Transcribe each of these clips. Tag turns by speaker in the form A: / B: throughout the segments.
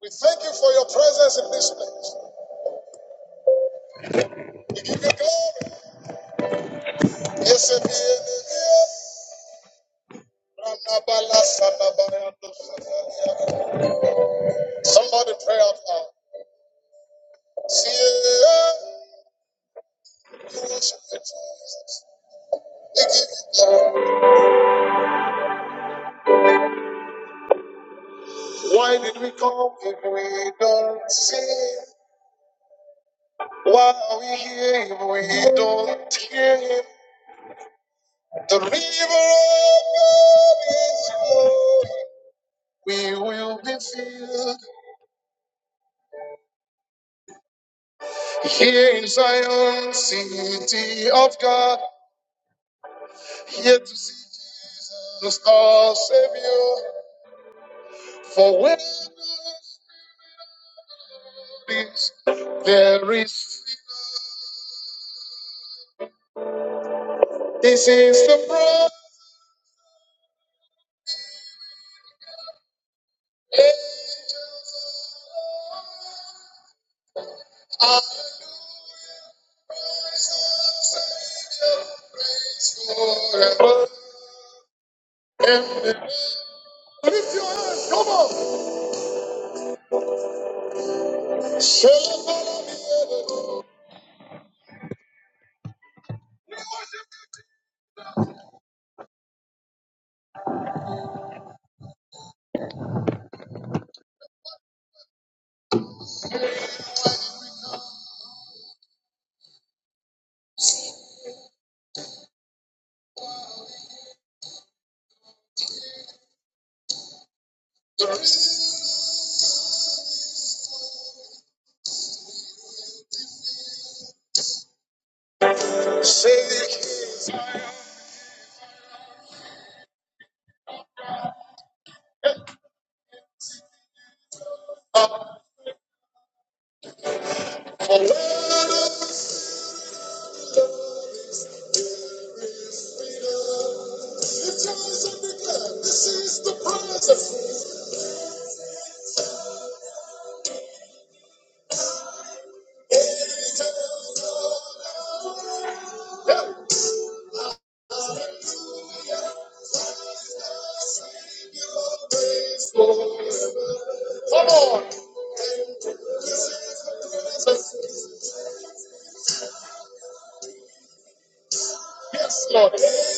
A: We thank you for your presence in this place. We give you glory. Somebody pray out loud. Why did we come if we don't see? him? Why are we here if we don't hear him? The river of God is flowing. We will be filled. Here in Zion, city of God, here to see Jesus, our Savior. For where God is, there is. freedom. This is the prayer. Lift your hands, come on. Celebrate, say He is up. For where God is, come on.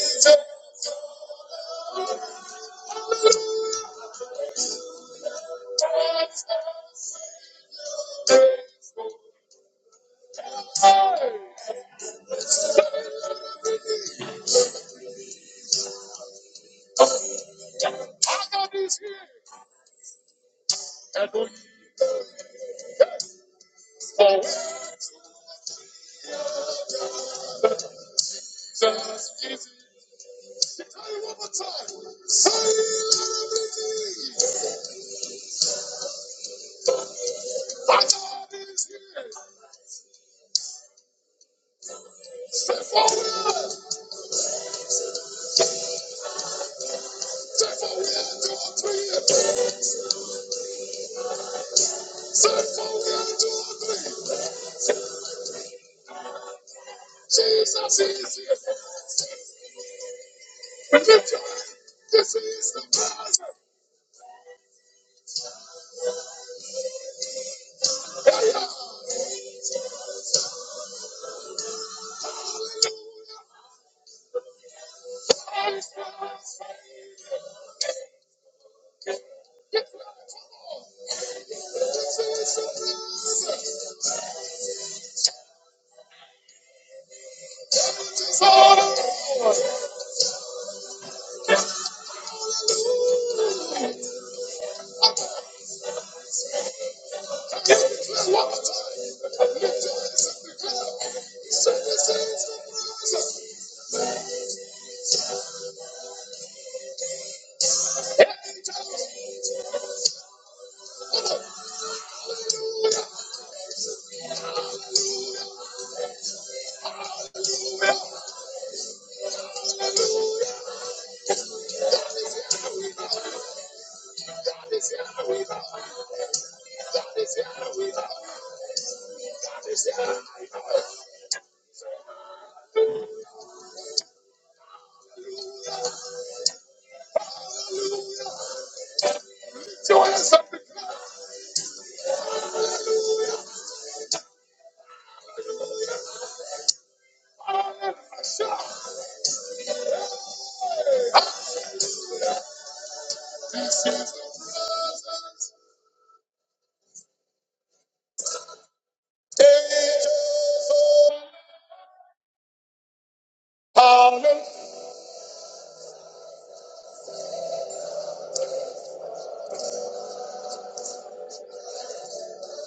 A: Lift your hands up. Angels Hallelujah.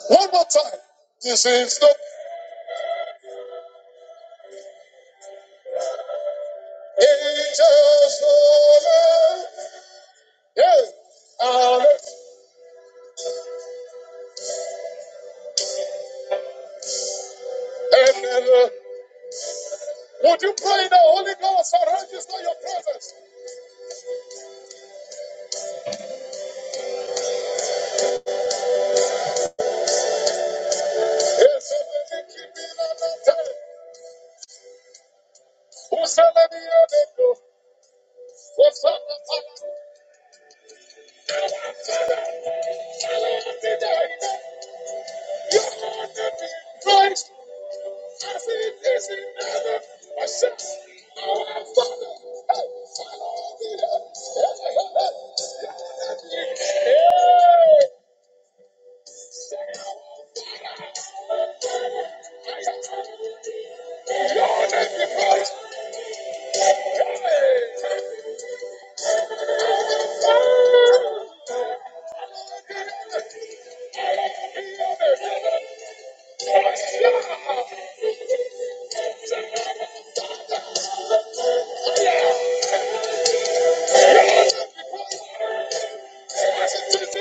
A: One more time. This is the angels' holy. Yes. Hallelujah. And, and, uh, would you pray in the Holy Ghost and register your presence? Yes. and let it keep in on that time. Who shall let me hear the other What's up, what's up? Christ. This is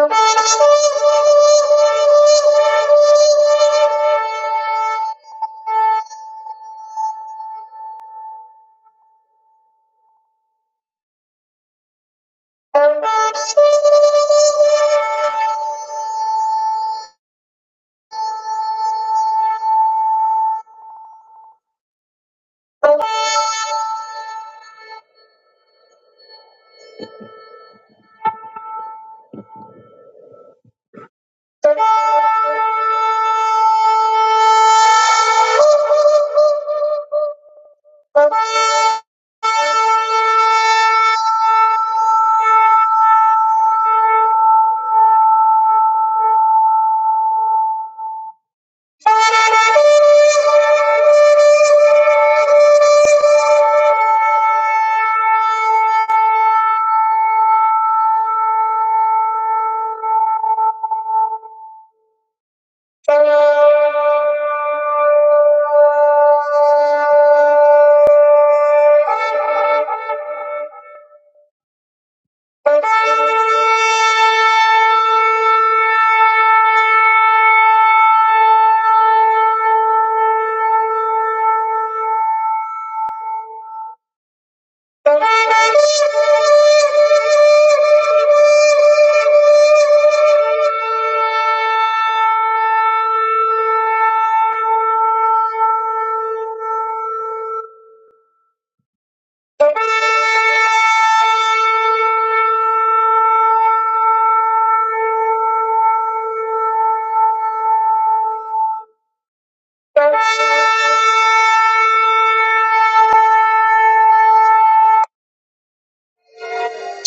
A: the Thank you.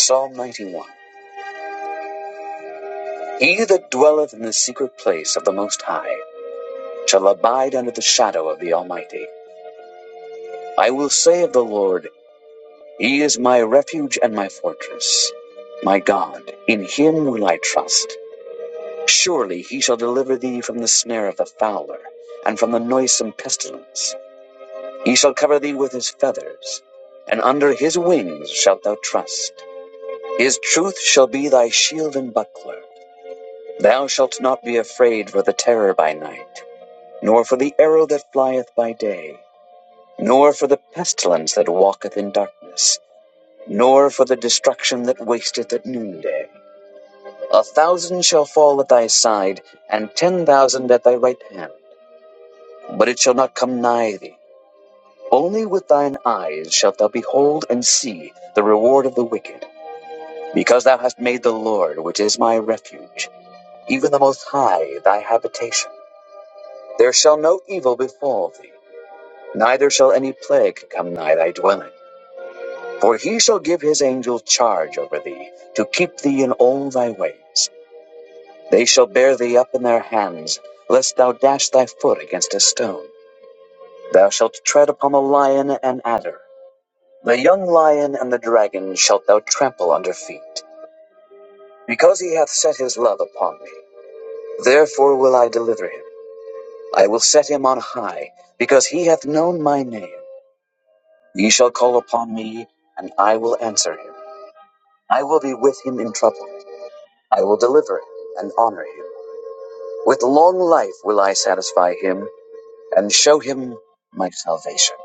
A: Psalm 91. He that dwelleth in the secret place of the Most High shall abide under the shadow of the Almighty. I will say of the Lord, He is my refuge and my fortress, my God, in Him will I trust. Surely He shall deliver thee from the snare of the fowler, and from the noisome pestilence. He shall cover thee with His feathers, and under His wings shalt thou trust. His truth shall be thy shield and buckler. Thou shalt not be afraid for the terror by night nor for the arrow that flieth by day, nor for the pestilence that walketh in darkness, nor for the destruction that wasteth at noonday. A thousand shall fall at thy side, and ten thousand at thy right hand, but it shall not come nigh thee. Only with thine eyes shalt thou behold and see the reward of the wicked, because thou hast made the Lord, which is my refuge, even the Most High, thy habitation. There shall no evil befall thee, neither shall any plague come nigh thy dwelling. For he shall give his angels charge over thee, to keep thee in all thy ways. They shall bear thee up in their hands, lest thou dash thy foot against a stone. Thou shalt tread upon the lion and adder. The young lion and the dragon shalt thou trample under feet. Because he hath set his love upon me, therefore will I deliver him. I will set him on high, because he hath known my name. He shall call upon me, and I will answer him. I will be with him in trouble. I will deliver him and honor him. With long life will I satisfy him and show him my salvation.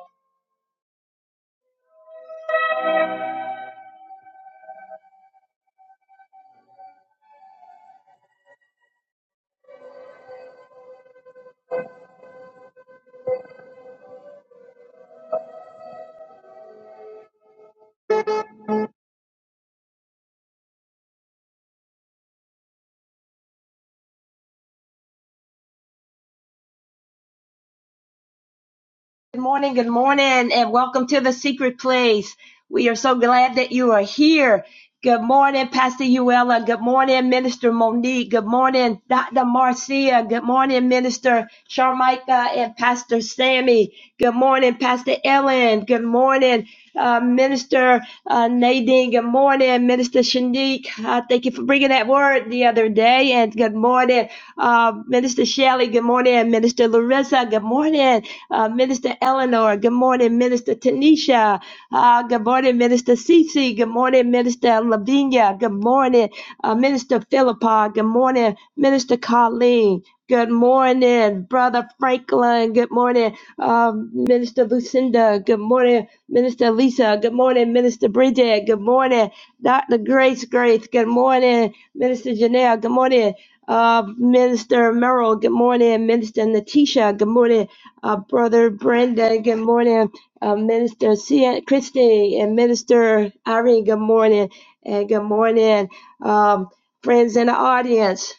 B: Good morning, good morning, and welcome to the secret place. We are so glad that you are here. Good morning, Pastor Uella. Good morning, Minister Monique. Good morning, Dr. Marcia. Good morning, Minister Sharmika and Pastor Sammy. Good morning, Pastor Ellen. Good morning, uh, Minister uh, Nadine. Good morning, Minister Shanique. Uh, thank you for bringing that word the other day. And good morning, uh, Minister Shelley. Good morning, Minister Larissa. Good morning, uh, Minister Minister Eleanor. Good morning, Minister Tanisha. Uh, good morning, Minister Cece. Good morning, Minister Lavinia. Good morning, uh, Minister Philippa. Good morning, Minister Colleen. Good morning, Brother Franklin. Good morning, um, Minister Lucinda. Good morning, Minister Lisa. Good morning, Minister Bridget. Good morning, Dr. Grace Grace. Good morning, Minister Janelle. Good morning, uh, Minister Merrill. Good morning, Minister Natisha. Good morning, uh, Brother Brendan. Good morning, uh, Minister C- Christy and Minister Irene. Good morning, and good morning, um, friends in the audience,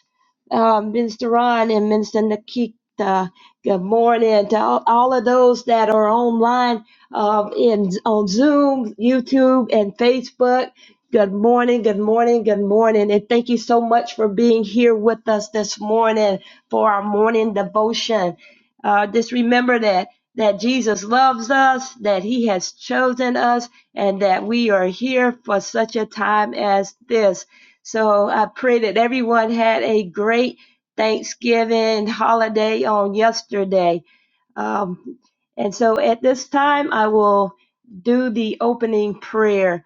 B: um, Minister Ron and Minister Nikita. Good morning to all, all of those that are online uh, in on Zoom, YouTube, and Facebook. Good morning, good morning, good morning, and thank you so much for being here with us this morning for our morning devotion. Uh, just remember that that Jesus loves us, that He has chosen us, and that we are here for such a time as this. So I pray that everyone had a great Thanksgiving holiday on yesterday. Um, and so at this time, I will do the opening prayer.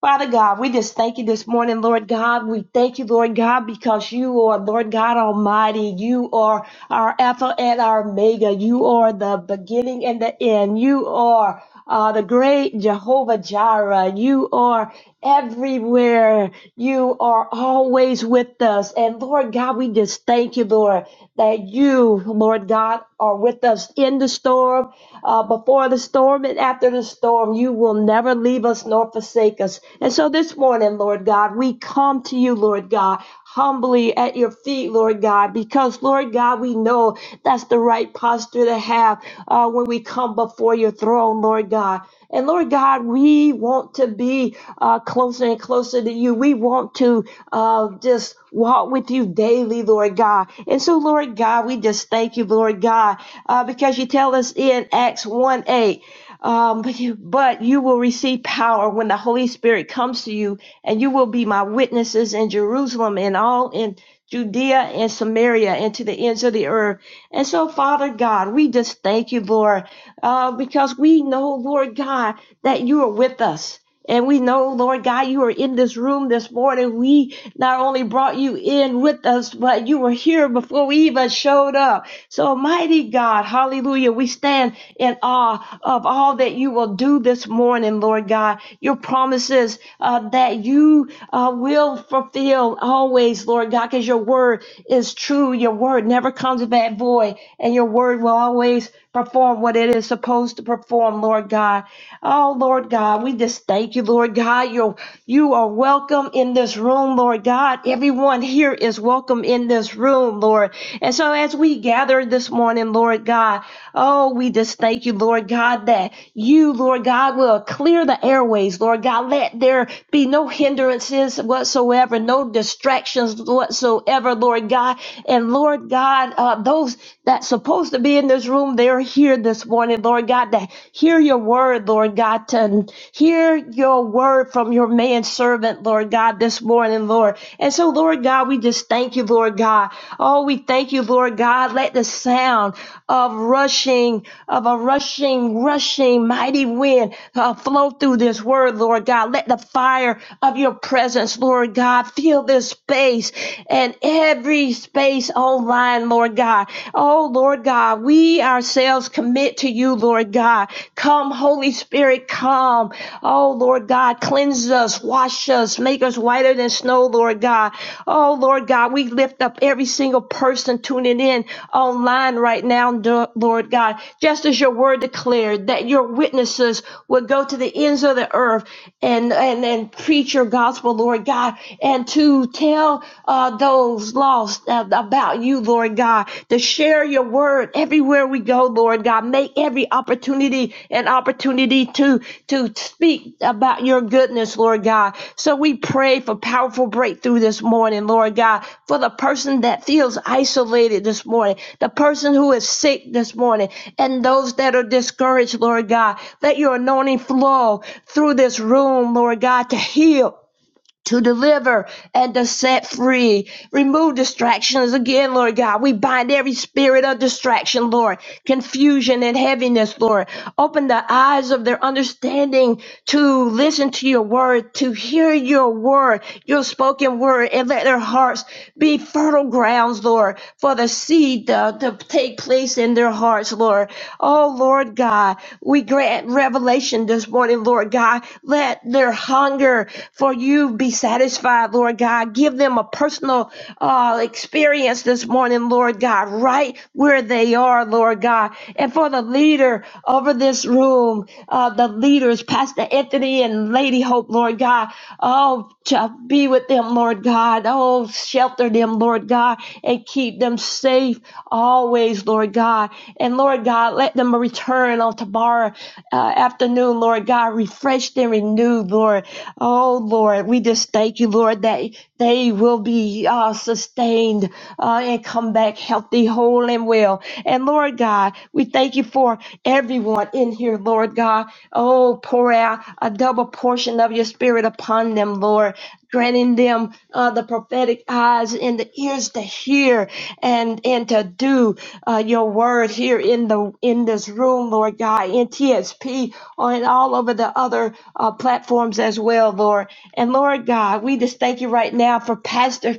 B: Father God, we just thank you this morning, Lord God. We thank you, Lord God, because you are, Lord God Almighty. You are our Alpha and our Omega. You are the beginning and the end. You are uh, the great Jehovah Jireh. You are everywhere. You are always with us. And Lord God, we just thank you, Lord, that you, Lord God, are with us in the storm uh, before the storm and after the storm. You will never leave us nor forsake us. And so this morning, Lord God, we come to you, Lord God, humbly at your feet, Lord God, because, Lord God, we know that's the right posture to have uh, when we come before your throne, Lord God. And Lord God, we want to be uh, closer and closer to you. We want to uh, just walk with you daily, Lord God. And so, Lord God, God, we just thank you, Lord God, uh, because you tell us in Acts 1 8, um, but, you, but you will receive power when the Holy Spirit comes to you, and you will be my witnesses in Jerusalem and all in Judea and Samaria and to the ends of the earth. And so, Father God, we just thank you, Lord, uh, because we know, Lord God, that you are with us. And we know, Lord God, you are in this room this morning. We not only brought you in with us, but you were here before we even showed up. So, mighty God, hallelujah, we stand in awe of all that you will do this morning, Lord God. Your promises uh, that you uh, will fulfill always, Lord God, because your word is true. Your word never comes back void, and your word will always perform what it is supposed to perform, Lord on, Lord God. Oh, Lord God, we just thank you, Lord God. You're, you are welcome in this room, Lord God. Everyone here is welcome in this room, Lord. And so as we gather this morning, Lord God, oh, we just thank you, Lord God, that you, Lord God, will clear the airways, Lord God. Let there be no hindrances whatsoever, no distractions whatsoever, Lord God. And Lord God, uh, those that's supposed to be in this room, room, they're here this morning, Lord God, to hear your word, Lord God, to hear your word from your manservant, Lord God, this morning, Lord. And so, Lord God, we just thank you, Lord God. Oh, we thank you, Lord God. Let the sound of rushing, of a rushing, rushing mighty wind uh, flow through this word, Lord God. Let the fire of your presence, Lord God, fill this space and every space online line, Lord God. Oh, Lord God, we ourselves commit to you, Lord God. Come, Holy Spirit, come. Oh, Lord God, cleanse us, wash us, make us whiter than snow, Lord God. Oh, Lord God, we lift up every single person tuning in online right now, do- Lord God, just as your word declared that your witnesses would go to the ends of the earth and, and, and preach your gospel, Lord God, and to tell uh, those lost uh, about you, Lord God, to share your word everywhere we go, Lord God. Make every opportunity an opportunity to, to speak about your goodness, Lord God. So we pray for powerful breakthrough this morning, Lord God, for the person that feels isolated this morning, the person who is sick this morning, and those that are discouraged, Lord God. Let your anointing flow through this room, Lord God, to heal to deliver and to set free. Remove distractions again, Lord God. We bind every spirit of distraction, Lord, confusion and heaviness, Lord. Open the eyes of their understanding to listen to your word, to hear your word, your spoken word, and let their hearts be fertile grounds, Lord, for the seed to, to take place in their hearts, Lord. Oh, Lord God, we grant revelation this morning, Lord God. Let their hunger for you be satisfied, Lord God. Give them a personal uh, experience this morning, Lord God, right where they are, Lord God. And for the leader over this room, uh, the leaders, Pastor Anthony and Lady Hope, Lord God, oh, to be with them, Lord. Lord God. Oh, shelter them, Lord God, and keep them safe always, Lord God. And Lord God, let them return on tomorrow uh, afternoon, Lord God, refreshed and renewed, Lord. Oh, Lord, we just thank you, Lord, that they will be uh, sustained uh, and come back healthy, whole, and well. And Lord God, we thank you for everyone in here, Lord God. Oh, pour out a double portion of your spirit upon them, Lord, granting them uh, the prophetic eyes and the ears to hear and and to do uh, your word here in the in this room, Lord God, in TSP and all over the other uh, platforms as well, Lord. And Lord God, we just thank you right now for Pastor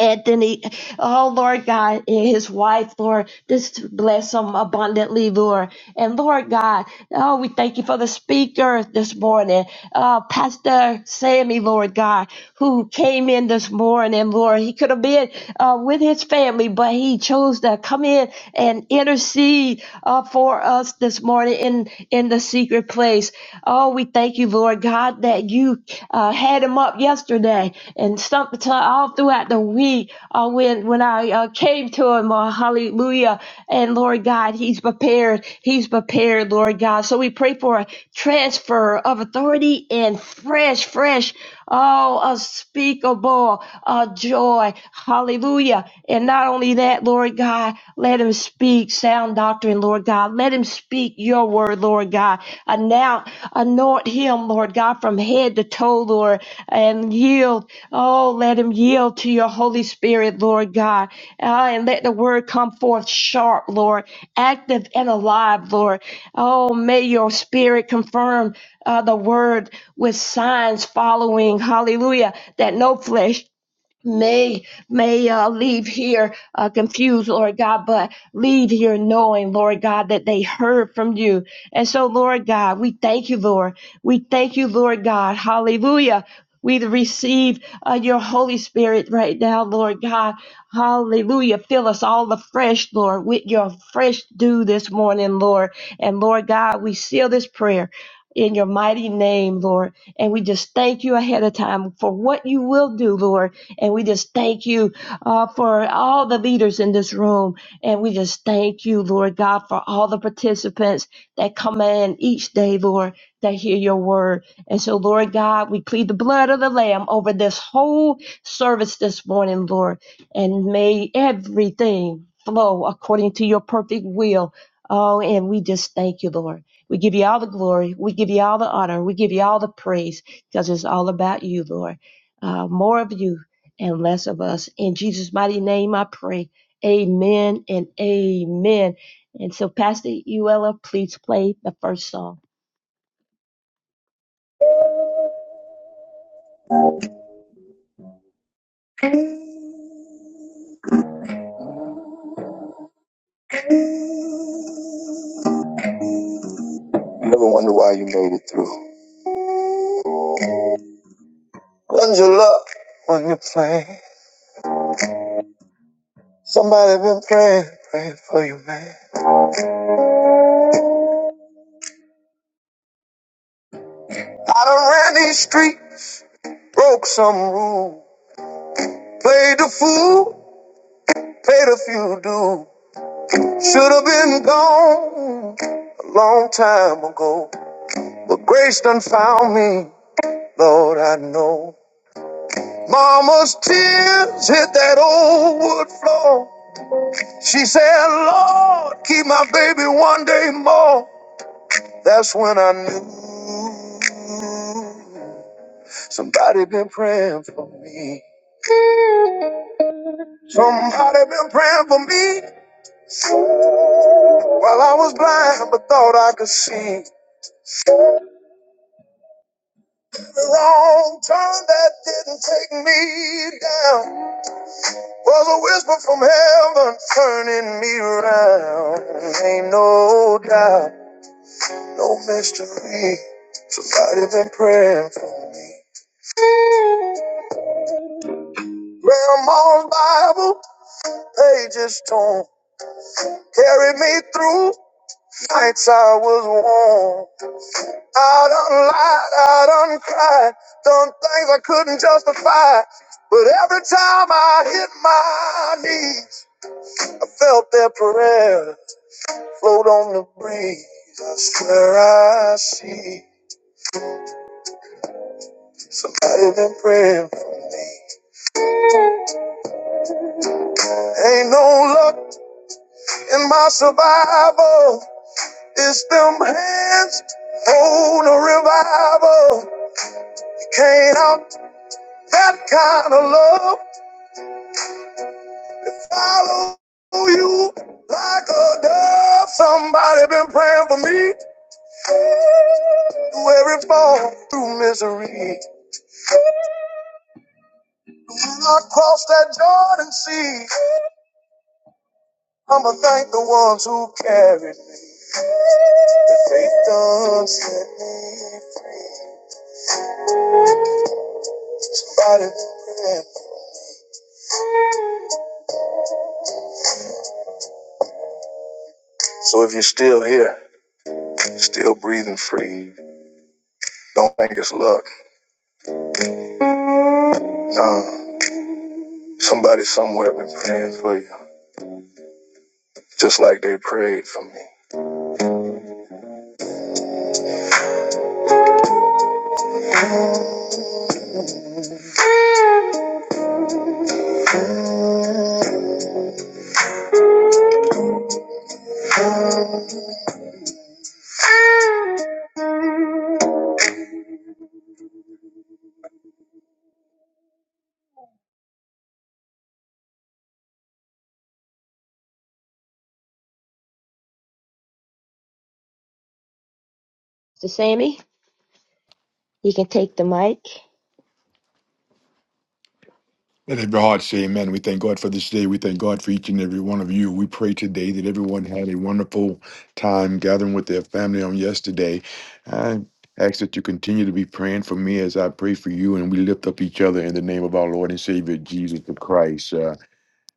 B: Anthony, oh Lord God, and his wife, Lord, just bless them abundantly, Lord. And Lord God, oh, we thank you for the speaker this morning, uh, Pastor Sammy, Lord God, who came in this morning, Lord. He could have been uh, with his family, but he chose to come in and intercede uh, for us this morning in, in the secret place. Oh, we thank you, you, Lord God, that you uh, had him up yesterday and some, to, all throughout the week uh, when, when I uh, came to him. Uh, hallelujah. And Lord God, he's prepared. He's prepared, Lord God. So we pray for a transfer of authority and fresh, fresh. Oh, unspeakable uh, joy. Hallelujah. And not only that, Lord God, let him speak sound doctrine, Lord God. Let him speak your word, Lord God. Anoint, anoint him, Lord God, from head to toe, Lord, and yield. Oh, let him yield to your Holy Spirit, Lord God. Ah, and let the word come forth sharp, Lord, active and alive, Lord. Oh, may your spirit confirm uh, the word with signs following, hallelujah, that no flesh may may uh, leave here uh, confused lord god but leave here knowing lord god that they heard from you and so lord god we thank you lord we thank you lord god hallelujah we receive uh, your Holy Spirit right now, Lord God. Hallelujah. Fill us all afresh, Lord, with your fresh dew this morning, Lord. And Lord God, we seal this prayer in your mighty name, Lord. And we just thank you ahead of time for what you will do, Lord and we just thank you uh, for all the leaders in this room. And we just thank you, Lord God, for all the participants that come in each day, Lord, that hear your word. And so, Lord God, we plead the blood of the Lamb over this whole service this morning, Lord. And may everything flow according to your perfect will. Oh, and we just thank you, Lord. We give you all the glory. We give you all the honor. We give you all the praise because it's all about you, Lord. Uh, more of you and less of us. In Jesus' mighty name, I pray. Amen and amen. And so, Pastor Uella, please play the first song.
A: When you play, somebody been praying, praying for you, man. I done ran these streets, broke some rule, played the fool, paid a few dues. Should have been gone a long time ago, but grace done found me. Lord, I know. Mama's tears hit that old wood floor. She said, Lord, keep my baby one day more. That's when I knew somebody been praying for me. Somebody been praying for me while I was blind but thought I could see. The wrong turn that didn't take me down was a whisper from heaven turning me around. Ain't no doubt, no mystery. Somebody been praying for me. Where my Bible pages torn. Carry me through nights I was warm. I done lied, I done cried, done things I couldn't justify. But every time I hit my knees, I felt their prayers float on the breeze. I swear I see somebody been praying. Ain't no luck in my survival. It's them hands on a revival. You can't out that kind of love. Follow you like a dove. Somebody been praying for me through every form, through misery. When I cross that Jordan Sea, I'ma thank the ones who carried me. The faith done sent me. Somebody praying. So if you're still here, still breathing free, don't think it's luck. No. Somebody somewhere been praying for you, just like they prayed for me.
B: Mister Sammy, you can take the mic.
C: Let every heart say amen. We thank God for this day. We thank God for each and every one of you. We pray today that everyone had a wonderful time gathering with their family on yesterday. I ask that you continue to be praying for me as I pray for you, and we lift up each other in the name of our Lord and Savior Jesus the Christ. Uh,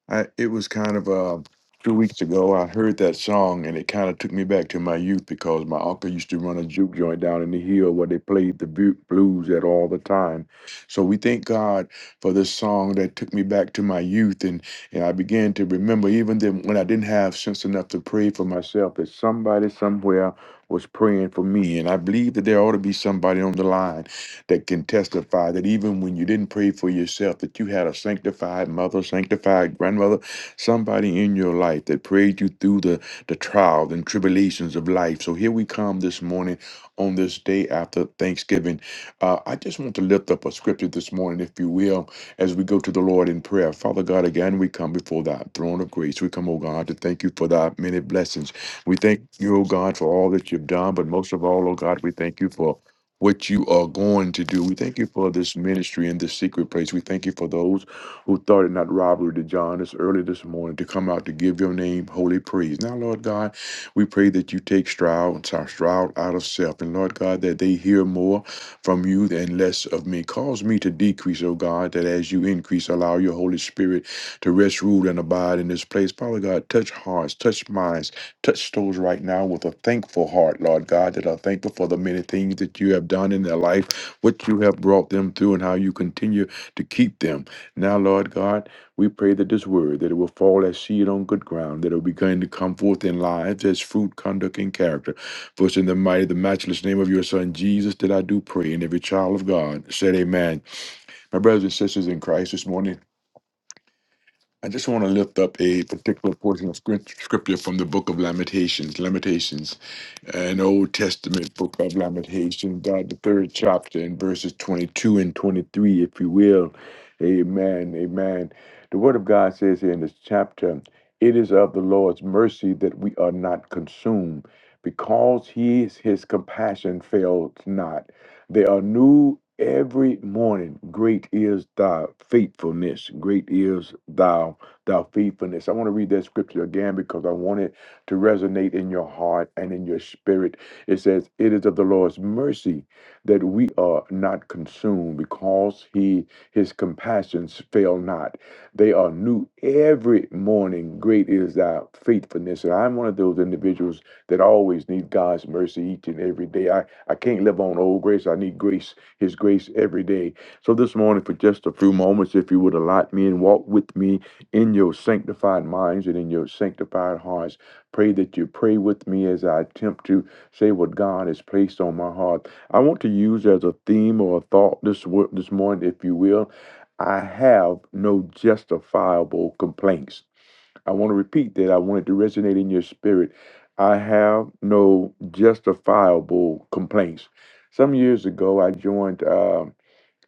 C: I it was kind of uh two weeks ago I heard that song and it kind of took me back to my youth because my uncle used to run a juke joint down in the hill where they played the bu- blues at all the time. So we thank God for this song that took me back to my youth and and I began to remember even then when I didn't have sense enough to pray for myself that somebody somewhere was praying for me and I believe that there ought to be somebody on the line that can testify that even when you didn't pray for yourself, that you had a sanctified mother, sanctified grandmother, somebody in your life that prayed you through the, the trials and tribulations of life. So here we come this morning on this day after Thanksgiving. Uh, I just want to lift up a scripture this morning, if you will, as we go to the Lord in prayer. Father God, again, we come before thy throne of grace. We come, O God, to thank you for thy many blessings. We thank you, O God, for all that you've done, but most of all, O God, we thank you for what you are going to do. We thank you for this ministry and this secret place. We thank you for those who thought it not robbery to join us early this morning to come out to give your name holy praise. Now, Lord God, we pray that you take Stroud, sorry, Stroud out of self. And Lord God, that they hear more from you and less of me. Cause me to decrease, oh God, that as you increase, allow your Holy Spirit to rest, rule, and abide in this place. Father God, touch hearts, touch minds, Touch those right now with a thankful heart, Lord God, that are thankful for the many things that you have done in their life, what you have brought them through, and how you continue to keep them. Now, Lord God, we pray that this word, that it will fall as seed on good ground, that it will begin to come forth in lives as fruit, conduct, and character. For it's in the mighty, the matchless name of your Son, Jesus, that I do pray. And every child of God said, Amen. My brothers and sisters in Christ this morning, I just want to lift up a particular portion of script- scripture from the book of Lamentations, Lamentations, an Old Testament book of Lamentations, God, the third chapter in verses 22 and 23, if you will. Amen, amen. The word of God says here in this chapter, it is of the Lord's mercy that we are not consumed, because he, his compassion fails not. They are new every morning. Great is thy faithfulness. Great is thou thou faithfulness. I want to read that scripture again because I want it to resonate in your heart and in your spirit. It says, It is of the Lord's mercy that we are not consumed, because he his compassions fail not. They are new every morning. Great is thy faithfulness. And I'm one of those individuals that always need God's mercy each and every day. I can't live on old grace. I need grace, His grace every day. So this morning, for just a few moments, if you would allot me and walk with me in your sanctified minds and in your sanctified hearts, pray that you pray with me as I attempt to say what God has placed on my heart. I want to use as a theme or a thought this wo- this morning, if you will. I have no justifiable complaints. I want to repeat that. I want it to resonate in your spirit. I have no justifiable complaints. Some years ago, I joined. uh,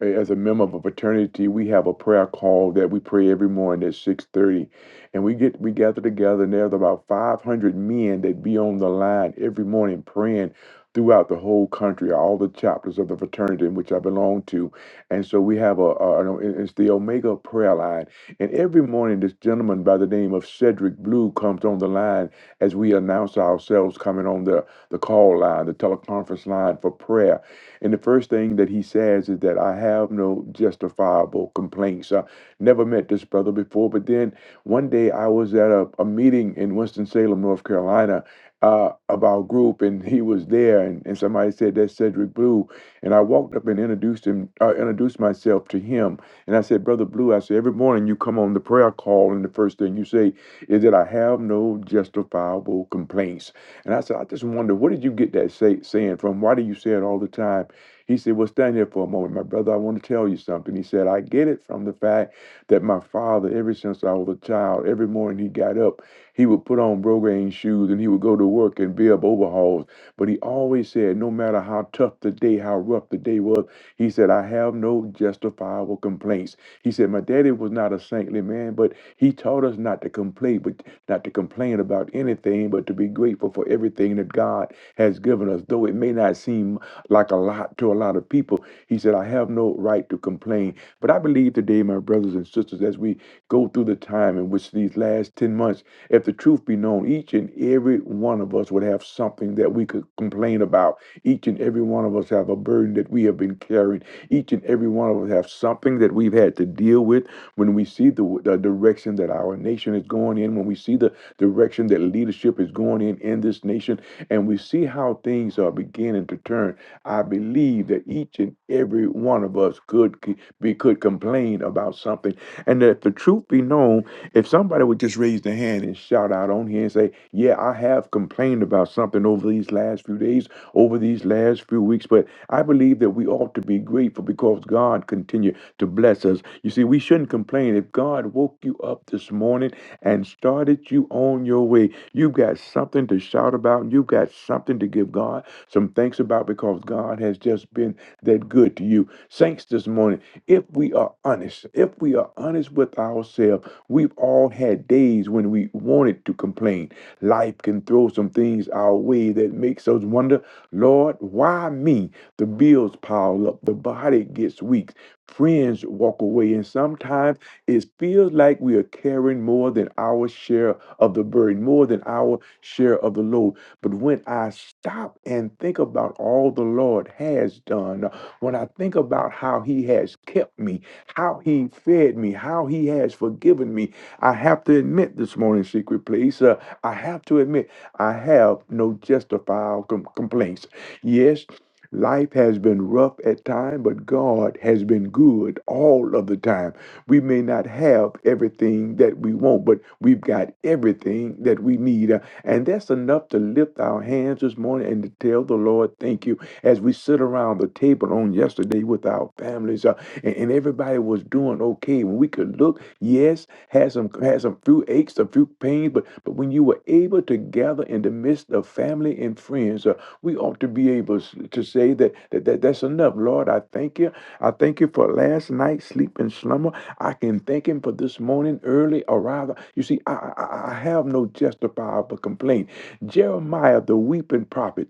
C: as a member of a fraternity, we have a prayer call that we pray every morning at six thirty, and we get we gather together, and there's about five hundred men that be on the line every morning praying throughout the whole country, all the chapters of the fraternity in which I belong to, and so we have a, a an- it- it's the Omega prayer line, and every morning this gentleman by the name of Cedric Blue comes on the line as we announce ourselves coming on the the call line, the teleconference line for prayer and the first thing that he says is that I have no justifiable complaints. I never met this brother before, but then one day I was at a, a meeting in Winston-Salem, North Carolina, uh, of our group, and he was there, and, and somebody said that's Cedric Blue, and I walked up and introduced him, uh, introduced myself to him, and I said, Brother Blue, I said every morning you come on the prayer call, and the first thing you say is that I have no justifiable complaints, and I said, I just wonder where did you get that say, saying from? Why do you say it all the time? He said, Well, stand here for a moment, my brother. I want to tell you something. He said, I get it from the fact that my father, ever since I was a child, every morning he got up, he would put on Brogane shoes and he would go to work and be up overhauls. But he always said, no matter how tough the day, how rough the day was, he said, I have no justifiable complaints. He said, My daddy was not a saintly man, but he taught us not to complain, but not to complain about anything, but to be grateful for everything that God has given us, though it may not seem like a lot to a lot of people. He said, I have no right to complain. But I believe today, my brothers and sisters, as we go through the time in which these last 10 months, if the truth be known, each and every one of us would have something that we could complain about. Each and every one of us have a burden that we have been carrying. Each and every one of us have something that we've had to deal with when we see the, the direction that our nation is going in, when we see the direction that leadership is going in in this nation, and we see how things are beginning to turn. I believe that each and every one of us could c- be could complain about something, and that if the truth be known, if somebody would just raise their hand and shout out on here and say, "Yeah, I have complained about something over these last few days, over these last few weeks," but I believe that we ought to be grateful because God continued to bless us. You see, we shouldn't complain. If God woke you up this morning and started you on your way, you've got something to shout about. You've got something to give God some thanks about because God has just been that good to you. Saints, this morning, if we are honest, if we are honest with ourselves, we've all had days when we wanted to complain. Life can throw some things our way that makes us wonder, Lord, why me? The bills pile up, the body gets weak, friends walk away, and sometimes it feels like we are carrying more than our share of the burden, more than our share of the load. But when I stop and think about all the Lord has done, uh, when I think about how He has kept me, how He fed me, how He has forgiven me, I have to admit this morning, secret place, uh, I have to admit I have no justifiable com- complaints. Yes, life has been rough at times, but God has been good all of the time. We may not have everything that we want, but we've got everything that we need. uh, and that's enough to lift our hands this morning and to tell the Lord, thank you. As we sit around the table on yesterday with our families, uh, and, and everybody was doing okay. When we could look, yes, had some had some few aches, a few pains, but but when you were able to gather in the midst of family and friends, uh, we ought to be able s- to say that, that, that that's enough. Lord, I thank you. I thank you for last night's sleep and slumber. I can thank him for this morning early or rather, You see, I, I, I I have no justifiable complaint. Jeremiah, the weeping prophet,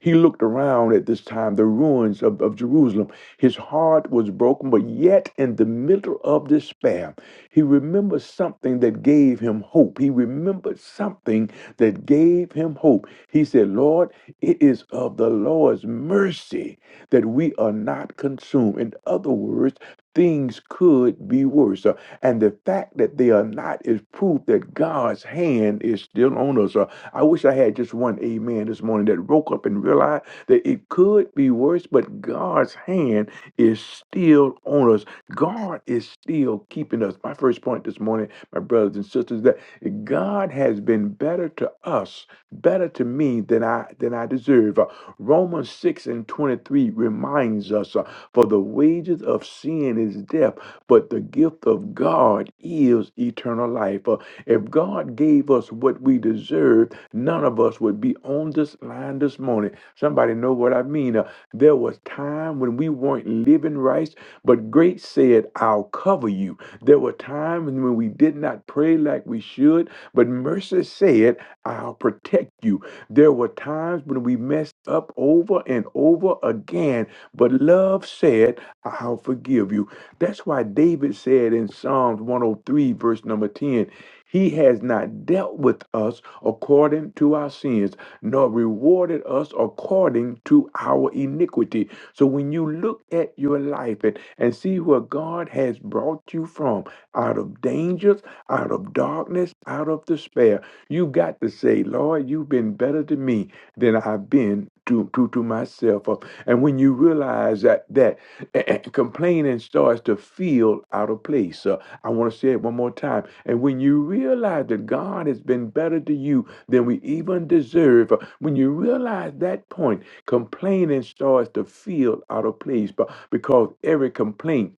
C: he looked around at this time, the ruins of, of Jerusalem. His heart was broken, but yet in the middle of despair, he remembered something that gave him hope. He remembered something that gave him hope. He said, Lord, it is of the Lord's mercy that we are not consumed. In other words, things could be worse. Uh, and the fact that they are not is proof that God's hand is still on us. Uh, I wish I had just one amen this morning that woke up and realized that it could be worse, but God's hand is still on us. God is still keeping us. My first point this morning, my brothers and sisters, that God has been better to us, better to me than I than I deserve. Uh, Romans 6 and 23 reminds us. uh, for the wages of sin is death, but the gift of God is eternal life. For if God gave us what we deserved, none of us would be on this line this morning. Somebody know what I mean. Uh, there was time when we weren't living right, but grace said, I'll cover you. There were times when we did not pray like we should, but mercy said, I'll protect you. There were times when we messed up over and over again, but love said, I'll forgive you. That's why David said in Psalms 103, verse number 10, He has not dealt with us according to our sins, nor rewarded us according to our iniquity. So when you look at your life and, and see where God has brought you from, out of dangers, out of darkness, out of despair, you got to say, Lord, you've been better to me than I've been to, to, to myself. Uh, And when you realize that, that eh, eh, complaining starts to feel out of place. Uh, I want to say it one more time. And when you realize that God has been better to you than we even deserve, uh, when you realize that point, complaining starts to feel out of place but because every complaint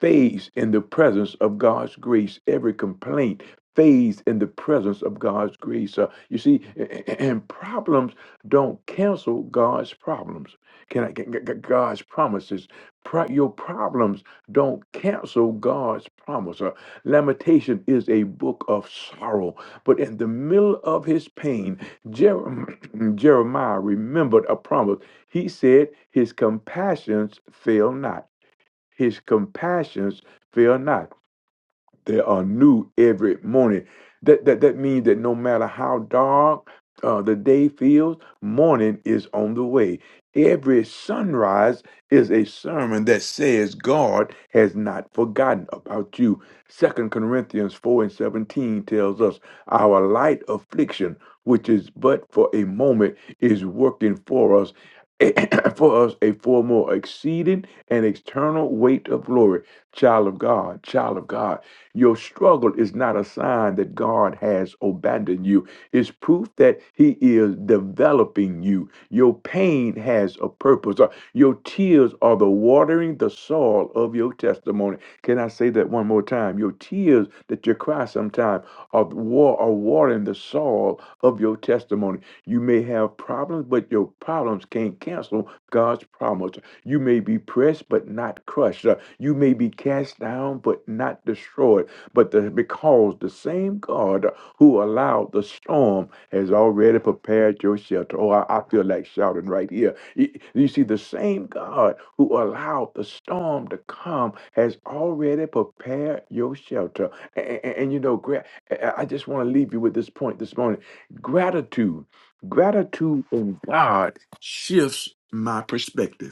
C: fades in the presence of God's grace. Every complaint fades in the presence of God's grace. Uh, you see, and problems don't cancel God's problems. Can I g- g- g- God's promises? Pro- your problems don't cancel God's promise. Uh, Lamentation is a book of sorrow, but in the middle of his pain, Jer- Jeremiah remembered a promise. He said, "His compassions fail not. His compassions fail not." They are new every morning. That that that means that no matter how dark uh, the day feels, morning is on the way. Every sunrise is a sermon that says God has not forgotten about you. Second Corinthians four and seventeen tells us our light affliction, which is but for a moment, is working for us. for us a far more exceeding and eternal weight of glory child of god child of god your struggle is not a sign that God has abandoned you. It's proof that He is developing you. Your pain has a purpose. Uh, Your tears are the watering the soil of your testimony. Can I say that one more time? Your tears that you cry sometimes are, the wa- are watering the soil of your testimony. You may have problems, but your problems can't cancel God's promise. You may be pressed, but not crushed. Uh, you may be cast down, but not destroyed. But the, because the same God who allowed the storm has already prepared your shelter. Oh, I, I feel like shouting right here. Y- You see, the same God who allowed the storm to come has already prepared your shelter. And, and, and you know, gra- I- I just want to leave you with this point this morning. Gratitude, gratitude in God shifts my perspective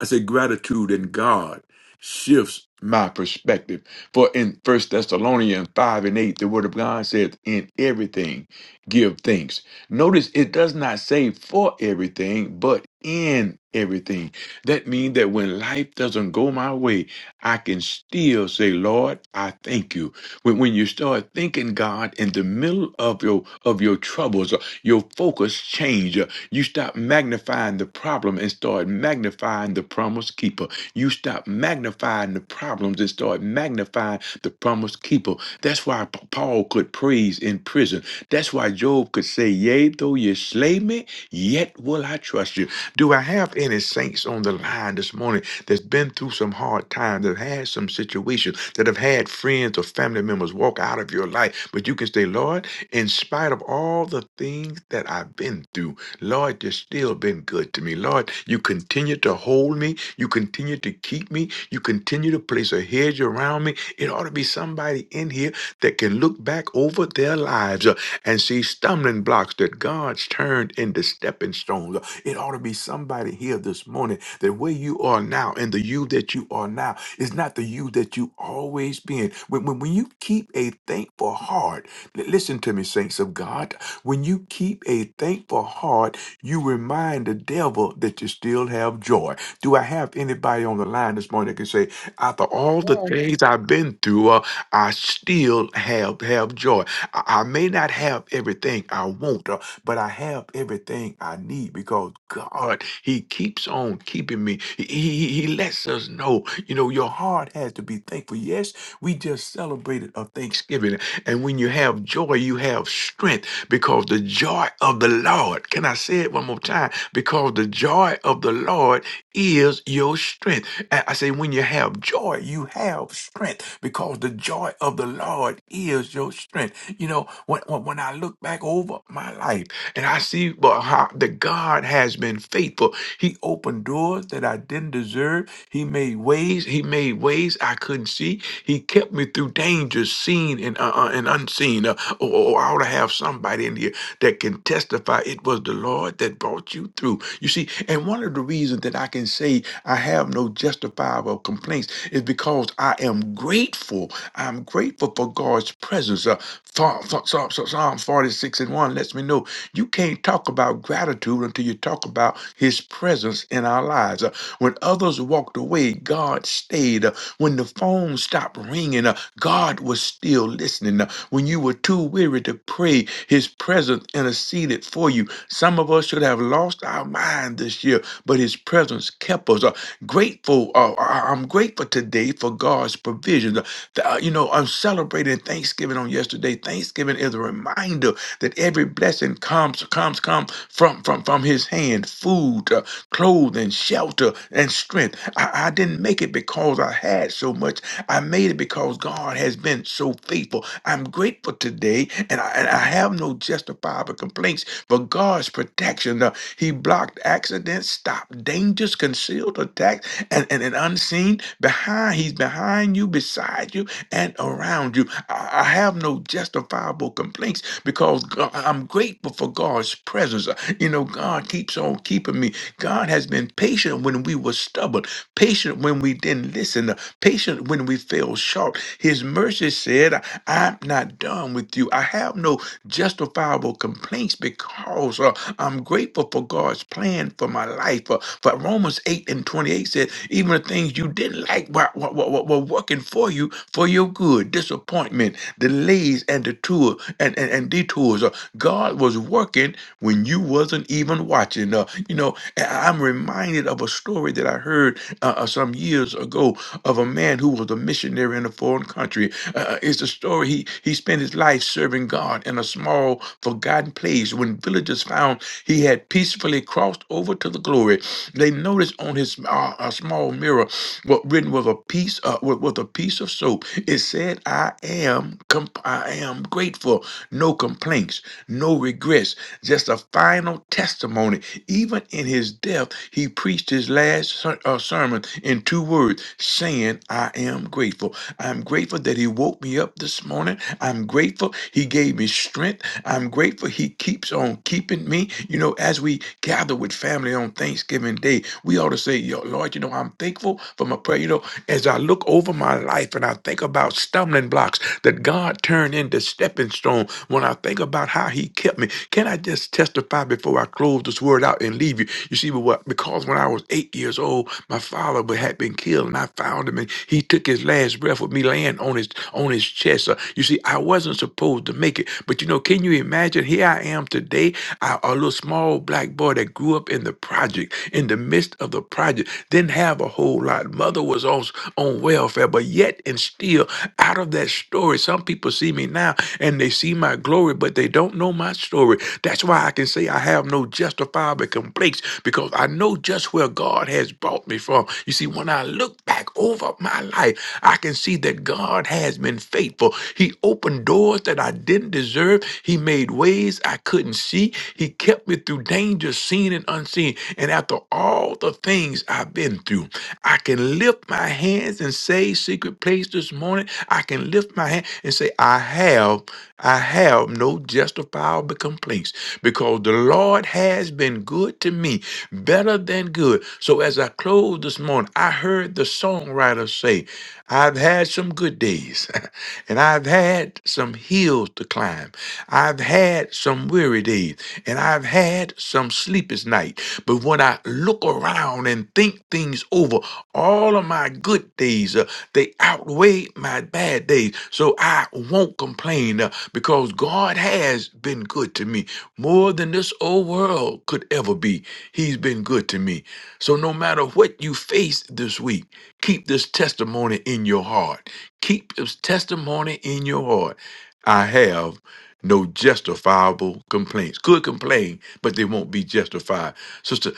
C: I said gratitude in God shifts my perspective. For in First Thessalonians 5 and 8, the word of God says, In everything give thanks. Notice it does not say for everything, but in everything. That means that when life doesn't go my way, I can still say, Lord, I thank you. When, when you start thinking God in the middle of your of your troubles, uh, your focus change. uh, You stop magnifying the problem and start magnifying the promise keeper. You stop magnifying the problems and start magnifying the promise keeper. That's why P- Paul could praise in prison. That's why Job could say, "Yea, though you slay me, yet will I trust you." Do I have any saints on the line this morning that's been through some hard times, that had some situations, that have had friends or family members walk out of your life, but you can say, Lord, in spite of all the things that I've been through, Lord, you've still been good to me. Lord, you continue to hold me. You continue to keep me. You continue to place a hedge around me. It ought to be somebody in here that can look back over their lives uh, and see stumbling blocks that God's turned into stepping stones. It ought to be somebody here this morning that where you are now and the you that you are now is not the you that you always been. When, when, when you keep a thankful heart, li- listen to me, saints of God, when you keep a thankful heart, you remind the devil that you still have joy. Do I have anybody on the line this morning that can say, after all the
B: Amen.
C: things I've been through, uh, I still have have joy? I, I may not have everything I want, uh, but I have everything I need because God, He keeps on keeping me. He, he, he lets us know, you know, your heart has to be thankful. Yes, we just celebrated a Thanksgiving. And when you have joy, you have strength because the joy of the Lord, can I say it one more time? Because the joy of the Lord is your strength. And I say, when you have joy, you have strength because the joy of the Lord is your strength. You know, when, when when I look back over my life and I see but how the God has been faithful. He opened doors that I didn't deserve. He made ways. He made ways I couldn't see. He kept me through dangers seen and uh, uh, and unseen. Uh, or, or I ought to have somebody in here that can testify it was the Lord that brought you through. You see, and one of the reasons that I can say I have no justifiable complaints is because I am grateful. I'm grateful for God's presence. Uh, Psalm, Psalm, Psalm 46 and 1 lets me know you can't talk about gratitude until you talk about his presence in our lives. Uh, When others walked away, God stayed. Uh, When the phone stopped ringing, uh, God was still listening. Uh, When you were too weary to pray, his presence interceded for you. Some of us should have lost our mind this year, but his presence kept us. Uh, Grateful, uh, I- I'm grateful today for God's provisions. Th- uh, you know, I'm celebrating Thanksgiving on yesterday. Thanksgiving is a reminder that every blessing comes, comes, comes from from from His hand: food, uh, clothing, shelter, and strength. I, I didn't make it because I had so much. I made it because God has been so faithful. I'm grateful today, and I, and I have no justifiable complaints for God's protection. uh, he blocked accidents, stopped dangers, concealed attacks, and, and, and unseen. Behind, he's behind you, beside you, and around you. I, I have no justifiable complaints because Go- I'm grateful for God's presence. Uh, You know, God keeps on keeping me. God has been patient when we were stubborn, patient when we didn't listen, uh, patient when we fell short. His mercy said, I'm not done with you. I have no justifiable complaints because uh, I'm grateful for God's plan for my life. For But Romans 8 and 28 said, even the things you didn't like were, were, were- were working for you for your good. Disappointment, delays, and detour and, and, and detours. Uh, God was working when you wasn't even watching. Uh, you know, I- I'm reminded of a story that I heard uh, uh, some years ago of a man who was a missionary in a foreign country. Uh, uh, it's a story he he spent his life serving God in a small, forgotten place. When villagers found he had peacefully crossed over to the glory. They noticed on his uh, a small mirror what written with a piece uh, with, with a piece of soap. It said, "I am comp- I am grateful. No complaints, no regrets. Just a final testimony. Even in his death, he preached his last ser- uh, sermon in two words, saying, "I am grateful. I'm grateful that he woke me up this morning. I'm grateful he gave me strength." I'm grateful he keeps on keeping me. You know, as we gather with family on Thanksgiving Day, we ought to say, Yo, Lord, you know, I'm thankful for my prayer. You know, as I look over my life and I think about stumbling blocks that God turned into stepping stone, when I think about how he kept me, can I just testify before I close this word out and leave you? You see, but what because when I was eight years old, my father wa- had been killed, and I found him, and he took his last breath with me laying on his on his chest. Uh, you see you see, I wasn't supposed to make it. But you know, can you imagine? Here I am today, I, a little small black boy that grew up in the project, in the midst of the project, didn't have a whole lot. Mother was on, on welfare, but yet and still, out of that story, some people see me now and they see my glory, but they don't know my story. That's why I can say I have no justifiable complaints because I know just where God has brought me from. You see, when I look back over my life, I can and see that God has been faithful. He opened doors that I didn't deserve. He made ways I couldn't see. He kept me through danger, seen and unseen. And after all the things I've been through, I can lift my hands and say, Secret place this morning, I can lift my hand and say, I have, I have no justifiable complaints because the Lord has been good to me, better than good. So as I close this morning, I heard heard the songwriter say, I've had some good days, and I've had some hills to climb. I've had some weary days, and I've had some sleepless nights. But when I look around and think things over, all of my good days, uh, they outweigh my bad days. So I won't complain uh, because God has been good to me more than this old world could ever be. He's been good to me. So, no matter what you face this week, keep this testimony in your heart. Keep this testimony in your heart. I have no justifiable complaints. Could complain, but they won't be justified. Sister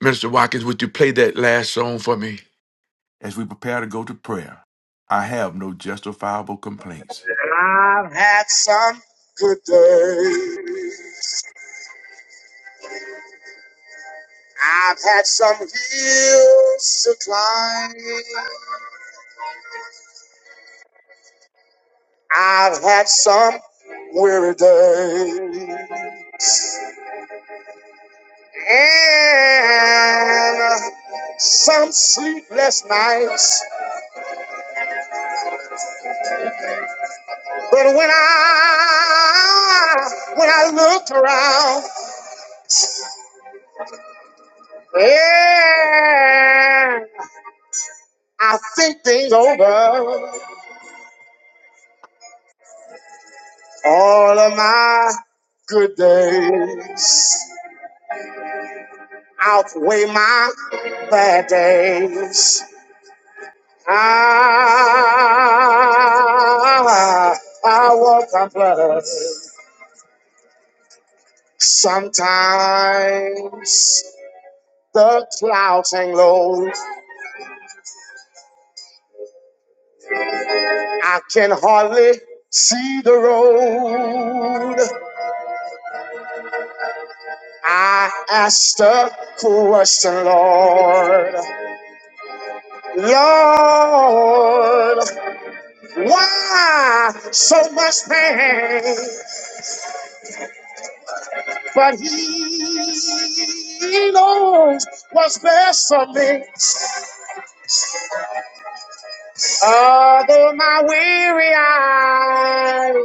C: Minister Watkins, would you play that last song for me as we prepare to go to prayer? I have no justifiable complaints.
A: I've had some hills to climb. I've had some weary days and some sleepless nights. But when I when I look around, I think things over. My Good days outweigh my bad days. I, I walk on blood. Sometimes the clouds hang low. I can hardly see the road. I ask the question, Lord. Lord, why so much pain? But He knows what's best for me. Oh, my weary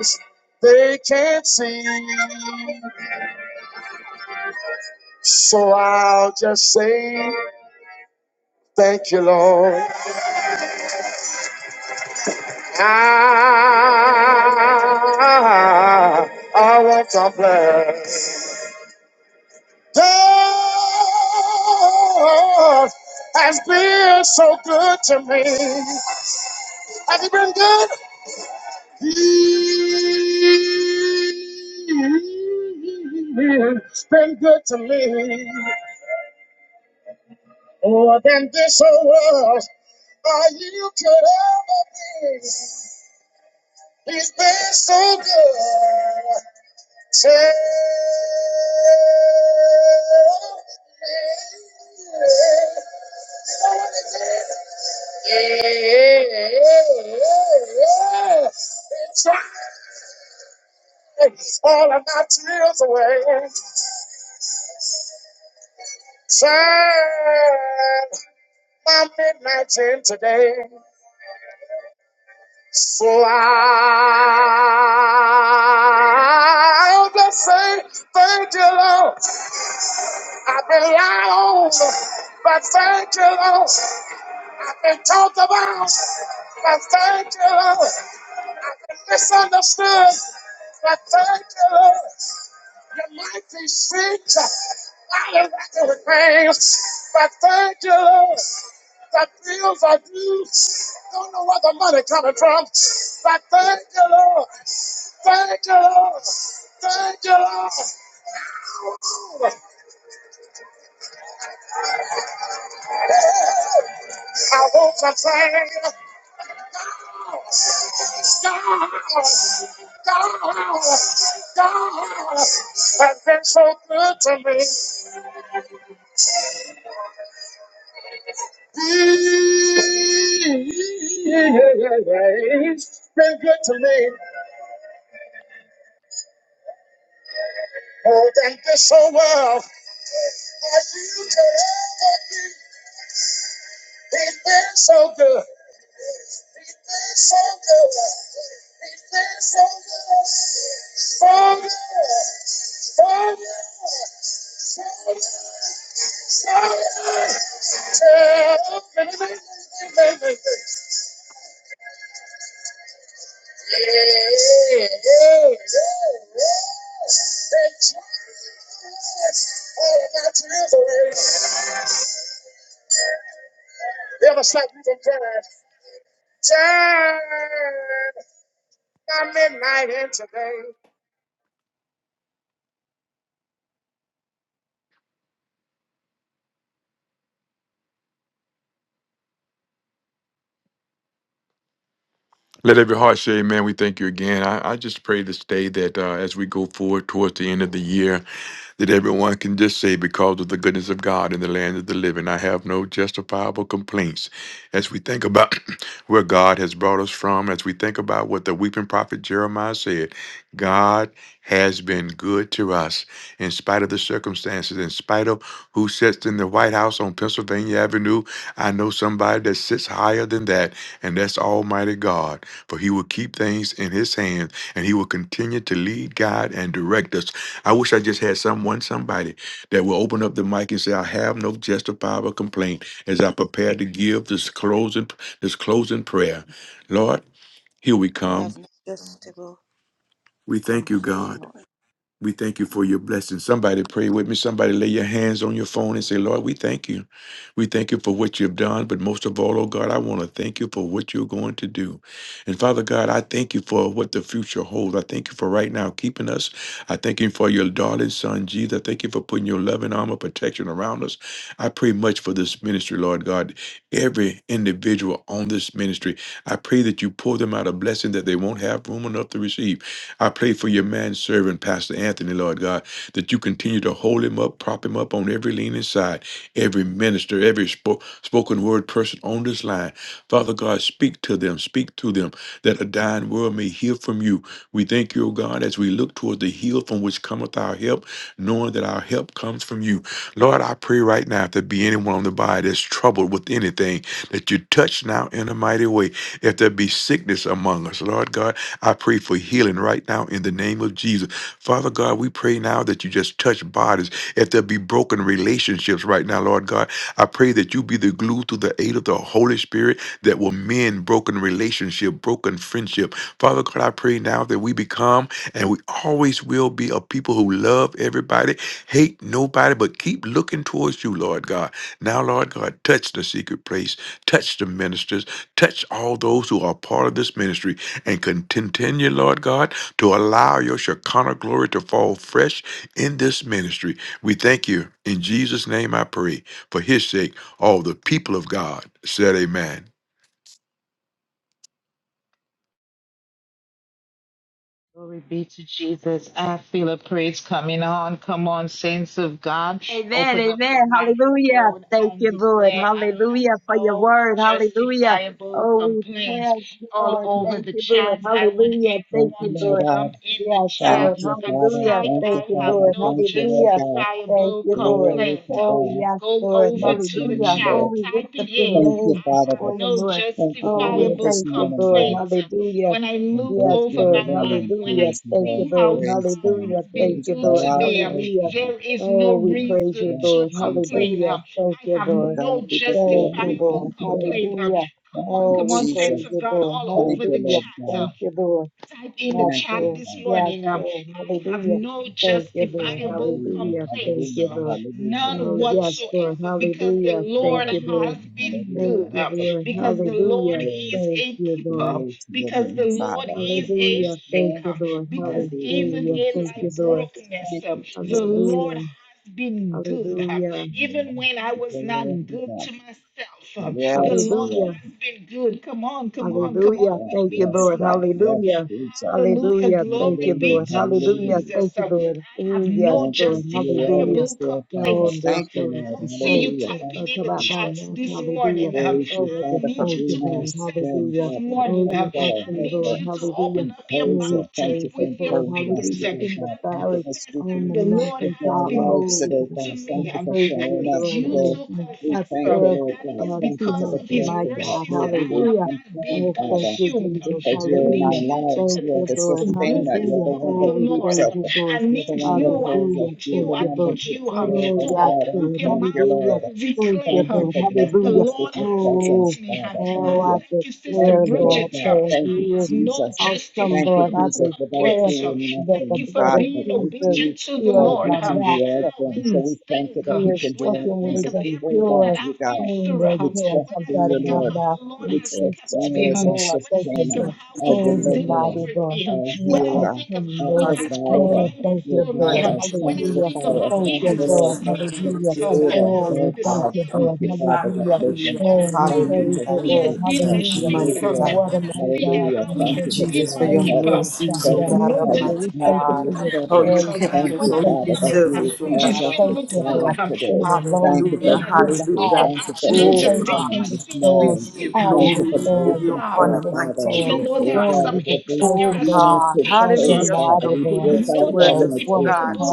A: eyes, they can't see. So I'll just say, Thank you, Lord. I, I want to bless. God has been so good to me. Has He been good? He's been good to me. More than this whole world, are you could ever be. He's been so good. Tell me. Yeah. Try all of my tears away. Shine my midnight in today. So I'll just say, thank you, Lord. I've been lied on, but thank you, Lord. I've been talked about, but thank you, Lord. I've been misunderstood, but thank you, Lord. You might be sick, not a record things, but thank you, Lord. The bills are due. Don't know where the money coming from, but thank you, Lord. Thank you, Lord. Thank you, Lord. I won't complain. I've been so good to me. Been good to me. He's been so, he's been so good. He's been so good. So good. So good. So good. So good. Tell me. Hey, hey, hey, hey. All of my deliverance. Never stop you from crying. Turn my midnight into day.
C: Let every heart say, Amen. We thank you again. I, I just pray this day that uh, as we go forward towards the end of the year, that everyone can just say, because of the goodness of God in the land of the living, I have no justifiable complaints. As we think about where God has brought us from, as we think about what the weeping prophet Jeremiah said, God has been good to us in spite of the circumstances, in spite of who sits in the White House on Pennsylvania Avenue. I know somebody that sits higher than that, and that's Almighty God. For He will keep things in His hand, and He will continue to lead, guide, and direct us I wish I just had someone, somebody that will open up the mic and say, I have no justifiable complaint as I prepare to give this closing this closing prayer. Lord, here we
D: I
C: come.
D: have no justifiable
C: We thank you,
D: complaint
C: God.
D: or
C: We thank you for
D: anything.
C: your blessing. Somebody pray with me. Somebody lay your hands on your phone and say, Lord, we thank you. We thank you for what you've done. But most of all, oh God, I want to thank you for what you're going to do. And Father God, I thank you for what the future holds. I thank you for right now keeping us. I thank you for your darling son, Jesus. I thank you for putting your loving arm of protection around us. I pray much for this ministry, Lord God. Every individual on this ministry, I pray that you pour them out a blessing that they won't have room enough to receive. I pray for your man servant, Pastor Anthony, Lord God, that you continue to hold him up, prop him up on every leaning side, every minister, every spo- spoken word person on this line. Father God, speak to them, speak through them, that a dying world may hear from you. We thank you, O God, as we look toward the hill from which cometh our help, knowing that our help comes from you. Lord, I pray right now if there be anyone on the body that's troubled with anything, that you touch now in a mighty way. If there be sickness among us, Lord God, I pray for healing right now in the name of Jesus. Father God, we pray now that you just touch bodies. If there be broken relationships right now, Lord God, I pray that you be the glue through the aid of the Holy Spirit that will mend broken relationship, broken friendship. Father God, I pray now that we become and we always will be a people who love everybody, hate nobody, but keep looking towards you, Lord God. Now, Lord God, touch the secret place, touch the ministers, touch all those who are part of this ministry and con- continue, Lord God, to allow your Shekinah glory to fall fresh in this ministry. We thank you. In Jesus' name I pray. For his sake, all the people of God said amen.
B: Amen, amen, hallelujah. Thank you, Lord. Hallelujah for your word. Hallelujah. Oh, we praise you, Lord. Thank you, Lord. Hallelujah. Thank
E: Thank you,
B: you,
E: Lord
B: Lord.
E: God.
B: Yes,
E: Thank
B: Lord.
E: you, Father.
B: Hallelujah.
E: Thank
B: Thank
E: you,
B: you,
E: Father.
B: Lord.
E: Thank you, Lord
B: Hallelujah.
E: God.
B: Thank you, Lord.
E: Glory to
B: Oh,
E: God.
B: yes, Lord.
E: Bless your name,
B: Hallelujah. Oh,
E: Lord.
B: we lift up your
E: Thank you,
B: name this
E: Father. for-
B: morning, Lord.
E: Thank you for
B: Oh,
E: the
B: we
E: word this
B: thank you,
E: morning,
B: Lord.
E: God.
B: Hallelujah.
E: We bless
B: Yes,
E: your
B: Lord.
E: holy name.
B: Hallelujah.
E: Praise the
B: Thank you,
E: Lord.
B: Lord.
E: Praise God.
B: Hallelujah. Thank
E: Praise
B: you, Lord.
E: God. Praise
B: Hallelujah.
E: God.
B: Oh, we praise you,
E: Yes,
B: Lord.
E: Jesus.
B: Hallelujah. Thank you,
E: The
B: Lord.
E: God be the
B: Thank you,
E: glory.
B: Lord.
E: Thank you, Lord.
B: Hallelujah.
E: Thank
B: Oh,
E: you,
B: we praise
E: Jesus.
B: you, Lord.
E: Thank you,
B: Hallelujah.
E: Lord
B: Thank
E: God.
B: you, Lord. Yes,
E: Thank you,
B: Lord.
E: Father.
B: Yes, Lord. Hallelujah. Thank you,
E: Hallelujah.
B: Lord.
E: Hallelujah.
B: Hallelujah. Thank you, Lord.
E: Hallelujah.
B: Oh, yes,
E: Hallelujah.
B: Lord. Hallelujah. Thank you, Lord.
E: Hallelujah.
B: Thank
E: Hallelujah.
B: you,
E: For
B: Lord.
E: God, we give
B: Hallelujah.
E: glory,
B: Thank you, Lord.
E: glory to your name, Father. We
B: Hallelujah.
E: praise you,
B: Thank
E: Lord.
B: you, Lord.
E: Hallelujah.
B: Hallelujah.
E: Thank you,
B: Thank you,
E: Jesus.
B: Lord.
E: Thank you, Jesus.
B: Hallelujah. Hallelujah.
E: Hallelujah. Glory to God. Yes,
B: Hallelujah.
E: Lord. Yes,
B: Hallelujah.
E: God.
B: Thank you,
E: Yes,
B: Lord.
E: God. Yes,
B: Hallelujah.
E: Jesus.
B: Hallelujah. Thank you,
E: Hallelujah.
B: Lord. Hallelujah.
E: Hallelujah.
B: Thank you, Lord. Oh, yes,
E: Thank you.
B: Lord.
E: You're
B: Hallelujah.
E: always there,
B: No,
E: Father. Thank
B: there's
E: you,
B: no
E: Lord.
B: complaint
E: Hallelujah.
B: that's
E: Thank
B: going to
E: you,
B: come out my
E: Jesus.
B: mouth. Hallelujah.
E: Praise
B: Oh,
E: you,
B: I just
E: Father, for
B: thank you,
E: being our
B: Lord.
E: strength,
B: Hallelujah.
E: our
B: Oh, you're
E: protector, our
B: awesome, Lord.
E: helper,
B: Hallelujah. Oh, we
E: encourager. Thank
B: praise
E: you for
B: you, Lord.
E: encouraging us
B: Hallelujah.
E: today,
B: In the
E: God. Thank you
B: valley,
E: for
B: on the
E: speaking into our
B: mountaintop.
E: lives
B: Oh, we're
E: today,
B: going to,
E: God. Thank
B: I'm
E: you for
B: praising
E: carrying
B: you,
E: us
B: Lord.
E: today.
B: Oh, there's
E: We thank you,
B: nothing
E: Lord God.
B: uh,
E: Thank you
B: too
E: for
B: hard
E: the
B: for my
E: blessing that,
B: God.
E: Lord, we won't
B: Hallelujah.
E: complain,
B: Oh, thank
E: Father,
B: you, Jesus.
E: because you're in our
B: Hallelujah.
E: lives.
B: Thank
E: You're
B: you,
E: the
B: Lord.
E: sustainer. You're
B: Hallelujah.
E: the one
B: Oh,
E: that
B: we
E: keeps
B: praise
E: us.
B: you, Lord.
E: You're the one that holds
B: Hallelujah.
E: us. You're
B: Thank
E: the
B: you,
E: one that
B: Lord.
E: takes care of
B: Oh,
E: us,
B: yes,
E: God. we
B: Lord.
E: thank you,
B: Hallelujah.
E: Lord.
B: Thank you,
E: Thank you
B: Lord.
E: for blessing
B: Hallelujah.
E: us with your
B: Oh,
E: presence, Father. Thank
B: oh, I
E: you. Thank
B: declare,
E: you, Lord
B: Lord,
E: God.
B: that
E: Thank you,
B: you is
E: Jesus.
B: awesome,
E: Thank you,
B: Lord. I
E: Jesus. Without
B: declare
E: you, we're
B: that the
E: nothing,
B: blood
E: God.
B: of
E: But with
B: Jesus
E: you,
B: fills
E: God, we
B: my
E: can do
B: mouth
E: all
B: with
E: things. So we
B: peace.
E: thank you that
B: We
E: we
B: are
E: can do
B: spoken
E: all things. If
B: words of
E: we hold on
B: joy
E: to you, God,
B: Oh, the
E: we
B: joy
E: trust
B: comes
E: in
B: out of
E: you,
B: my
E: Lord.
B: mouth
E: We
B: 24
E: trust in you
B: 7.
E: as our
B: Oh, I thank you,
E: sustainer,
B: Lord.
E: our
B: Oh,
F: Hallelujah.
B: the
E: deliverer,
B: mighty Lord.
E: our
B: You're
E: healer,
B: awesome,
E: our
B: Lord. Oh,
E: provider,
B: thank
E: your
B: you,
E: God,
B: Lord.
F: Hallelujah.
E: our
F: Hallelujah.
B: Hallelujah.
E: sanctifier.
B: Thank
E: Thank
F: Thank
B: you,
F: you,
E: you, Lord.
B: Lord.
F: Jesus. Lord, we
E: The
F: give
B: Hallelujah.
F: you
E: creator,
B: Oh,
F: thanks.
B: we
E: oh
B: thank
E: God,
B: you,
E: thank
B: Lord.
E: you, Father, that
B: Hallelujah.
E: we can
F: Hallelujah.
B: Oh, we
E: Thank you
B: praise
E: for
B: you,
F: Hallelujah.
E: being
B: Lord.
E: our, our
F: Thank you,
B: Hallelujah.
F: mighty
E: deliverer.
B: What a
F: God.
B: mighty God
E: Hallelujah.
B: we
E: Thank
F: Oh,
E: you for
B: serve.
E: being
F: Jesus, for
E: our
F: your
E: help
B: Angels bow
F: mercies, oh
B: down
E: present
F: God,
B: before
E: time
B: you.
E: of
B: We
F: almighty
E: help
B: thank you
E: in
B: for
F: God.
E: the
B: your
F: Oh,
E: trouble.
F: you
B: glory.
F: kept
E: Thank
B: We
F: us,
E: you,
F: oh, you
B: thank you
E: Father,
B: for
E: that
B: your
F: preserve
E: you
F: us,
E: would
F: oh
B: mercy.
E: cause
B: We
F: God,
E: us to
B: thank
F: almighty
B: you,
F: God.
B: Lord,
E: triumph
B: in
E: today.
B: the lows
E: Thank you for
F: Hallelujah.
B: and in the
E: victory.
B: highs.
F: Hallelujah.
E: Thank you for
B: We
F: Oh,
B: place it
F: God.
E: overcoming
B: in the
E: this
F: We
B: storm,
E: morning.
F: give you
B: out of
E: Thank
B: the
E: you
F: glory.
E: for
F: We give
B: storm,
F: you
E: breaking
B: before
F: honor,
E: through,
B: the
E: Father.
F: mighty
E: as
B: storm.
E: We break
F: Jehovah.
B: Oh,
E: out
B: we
E: of
B: just
E: every
B: thank you,
F: Oh
B: Lord,
F: God,
E: limited
B: that you're
E: space,
F: hallelujah for
E: Father.
B: mighty,
F: your
E: We
B: Lord.
E: break
F: goodness
E: out of our
F: towards
B: You're
F: us, oh
B: worth,
F: God.
E: limitations.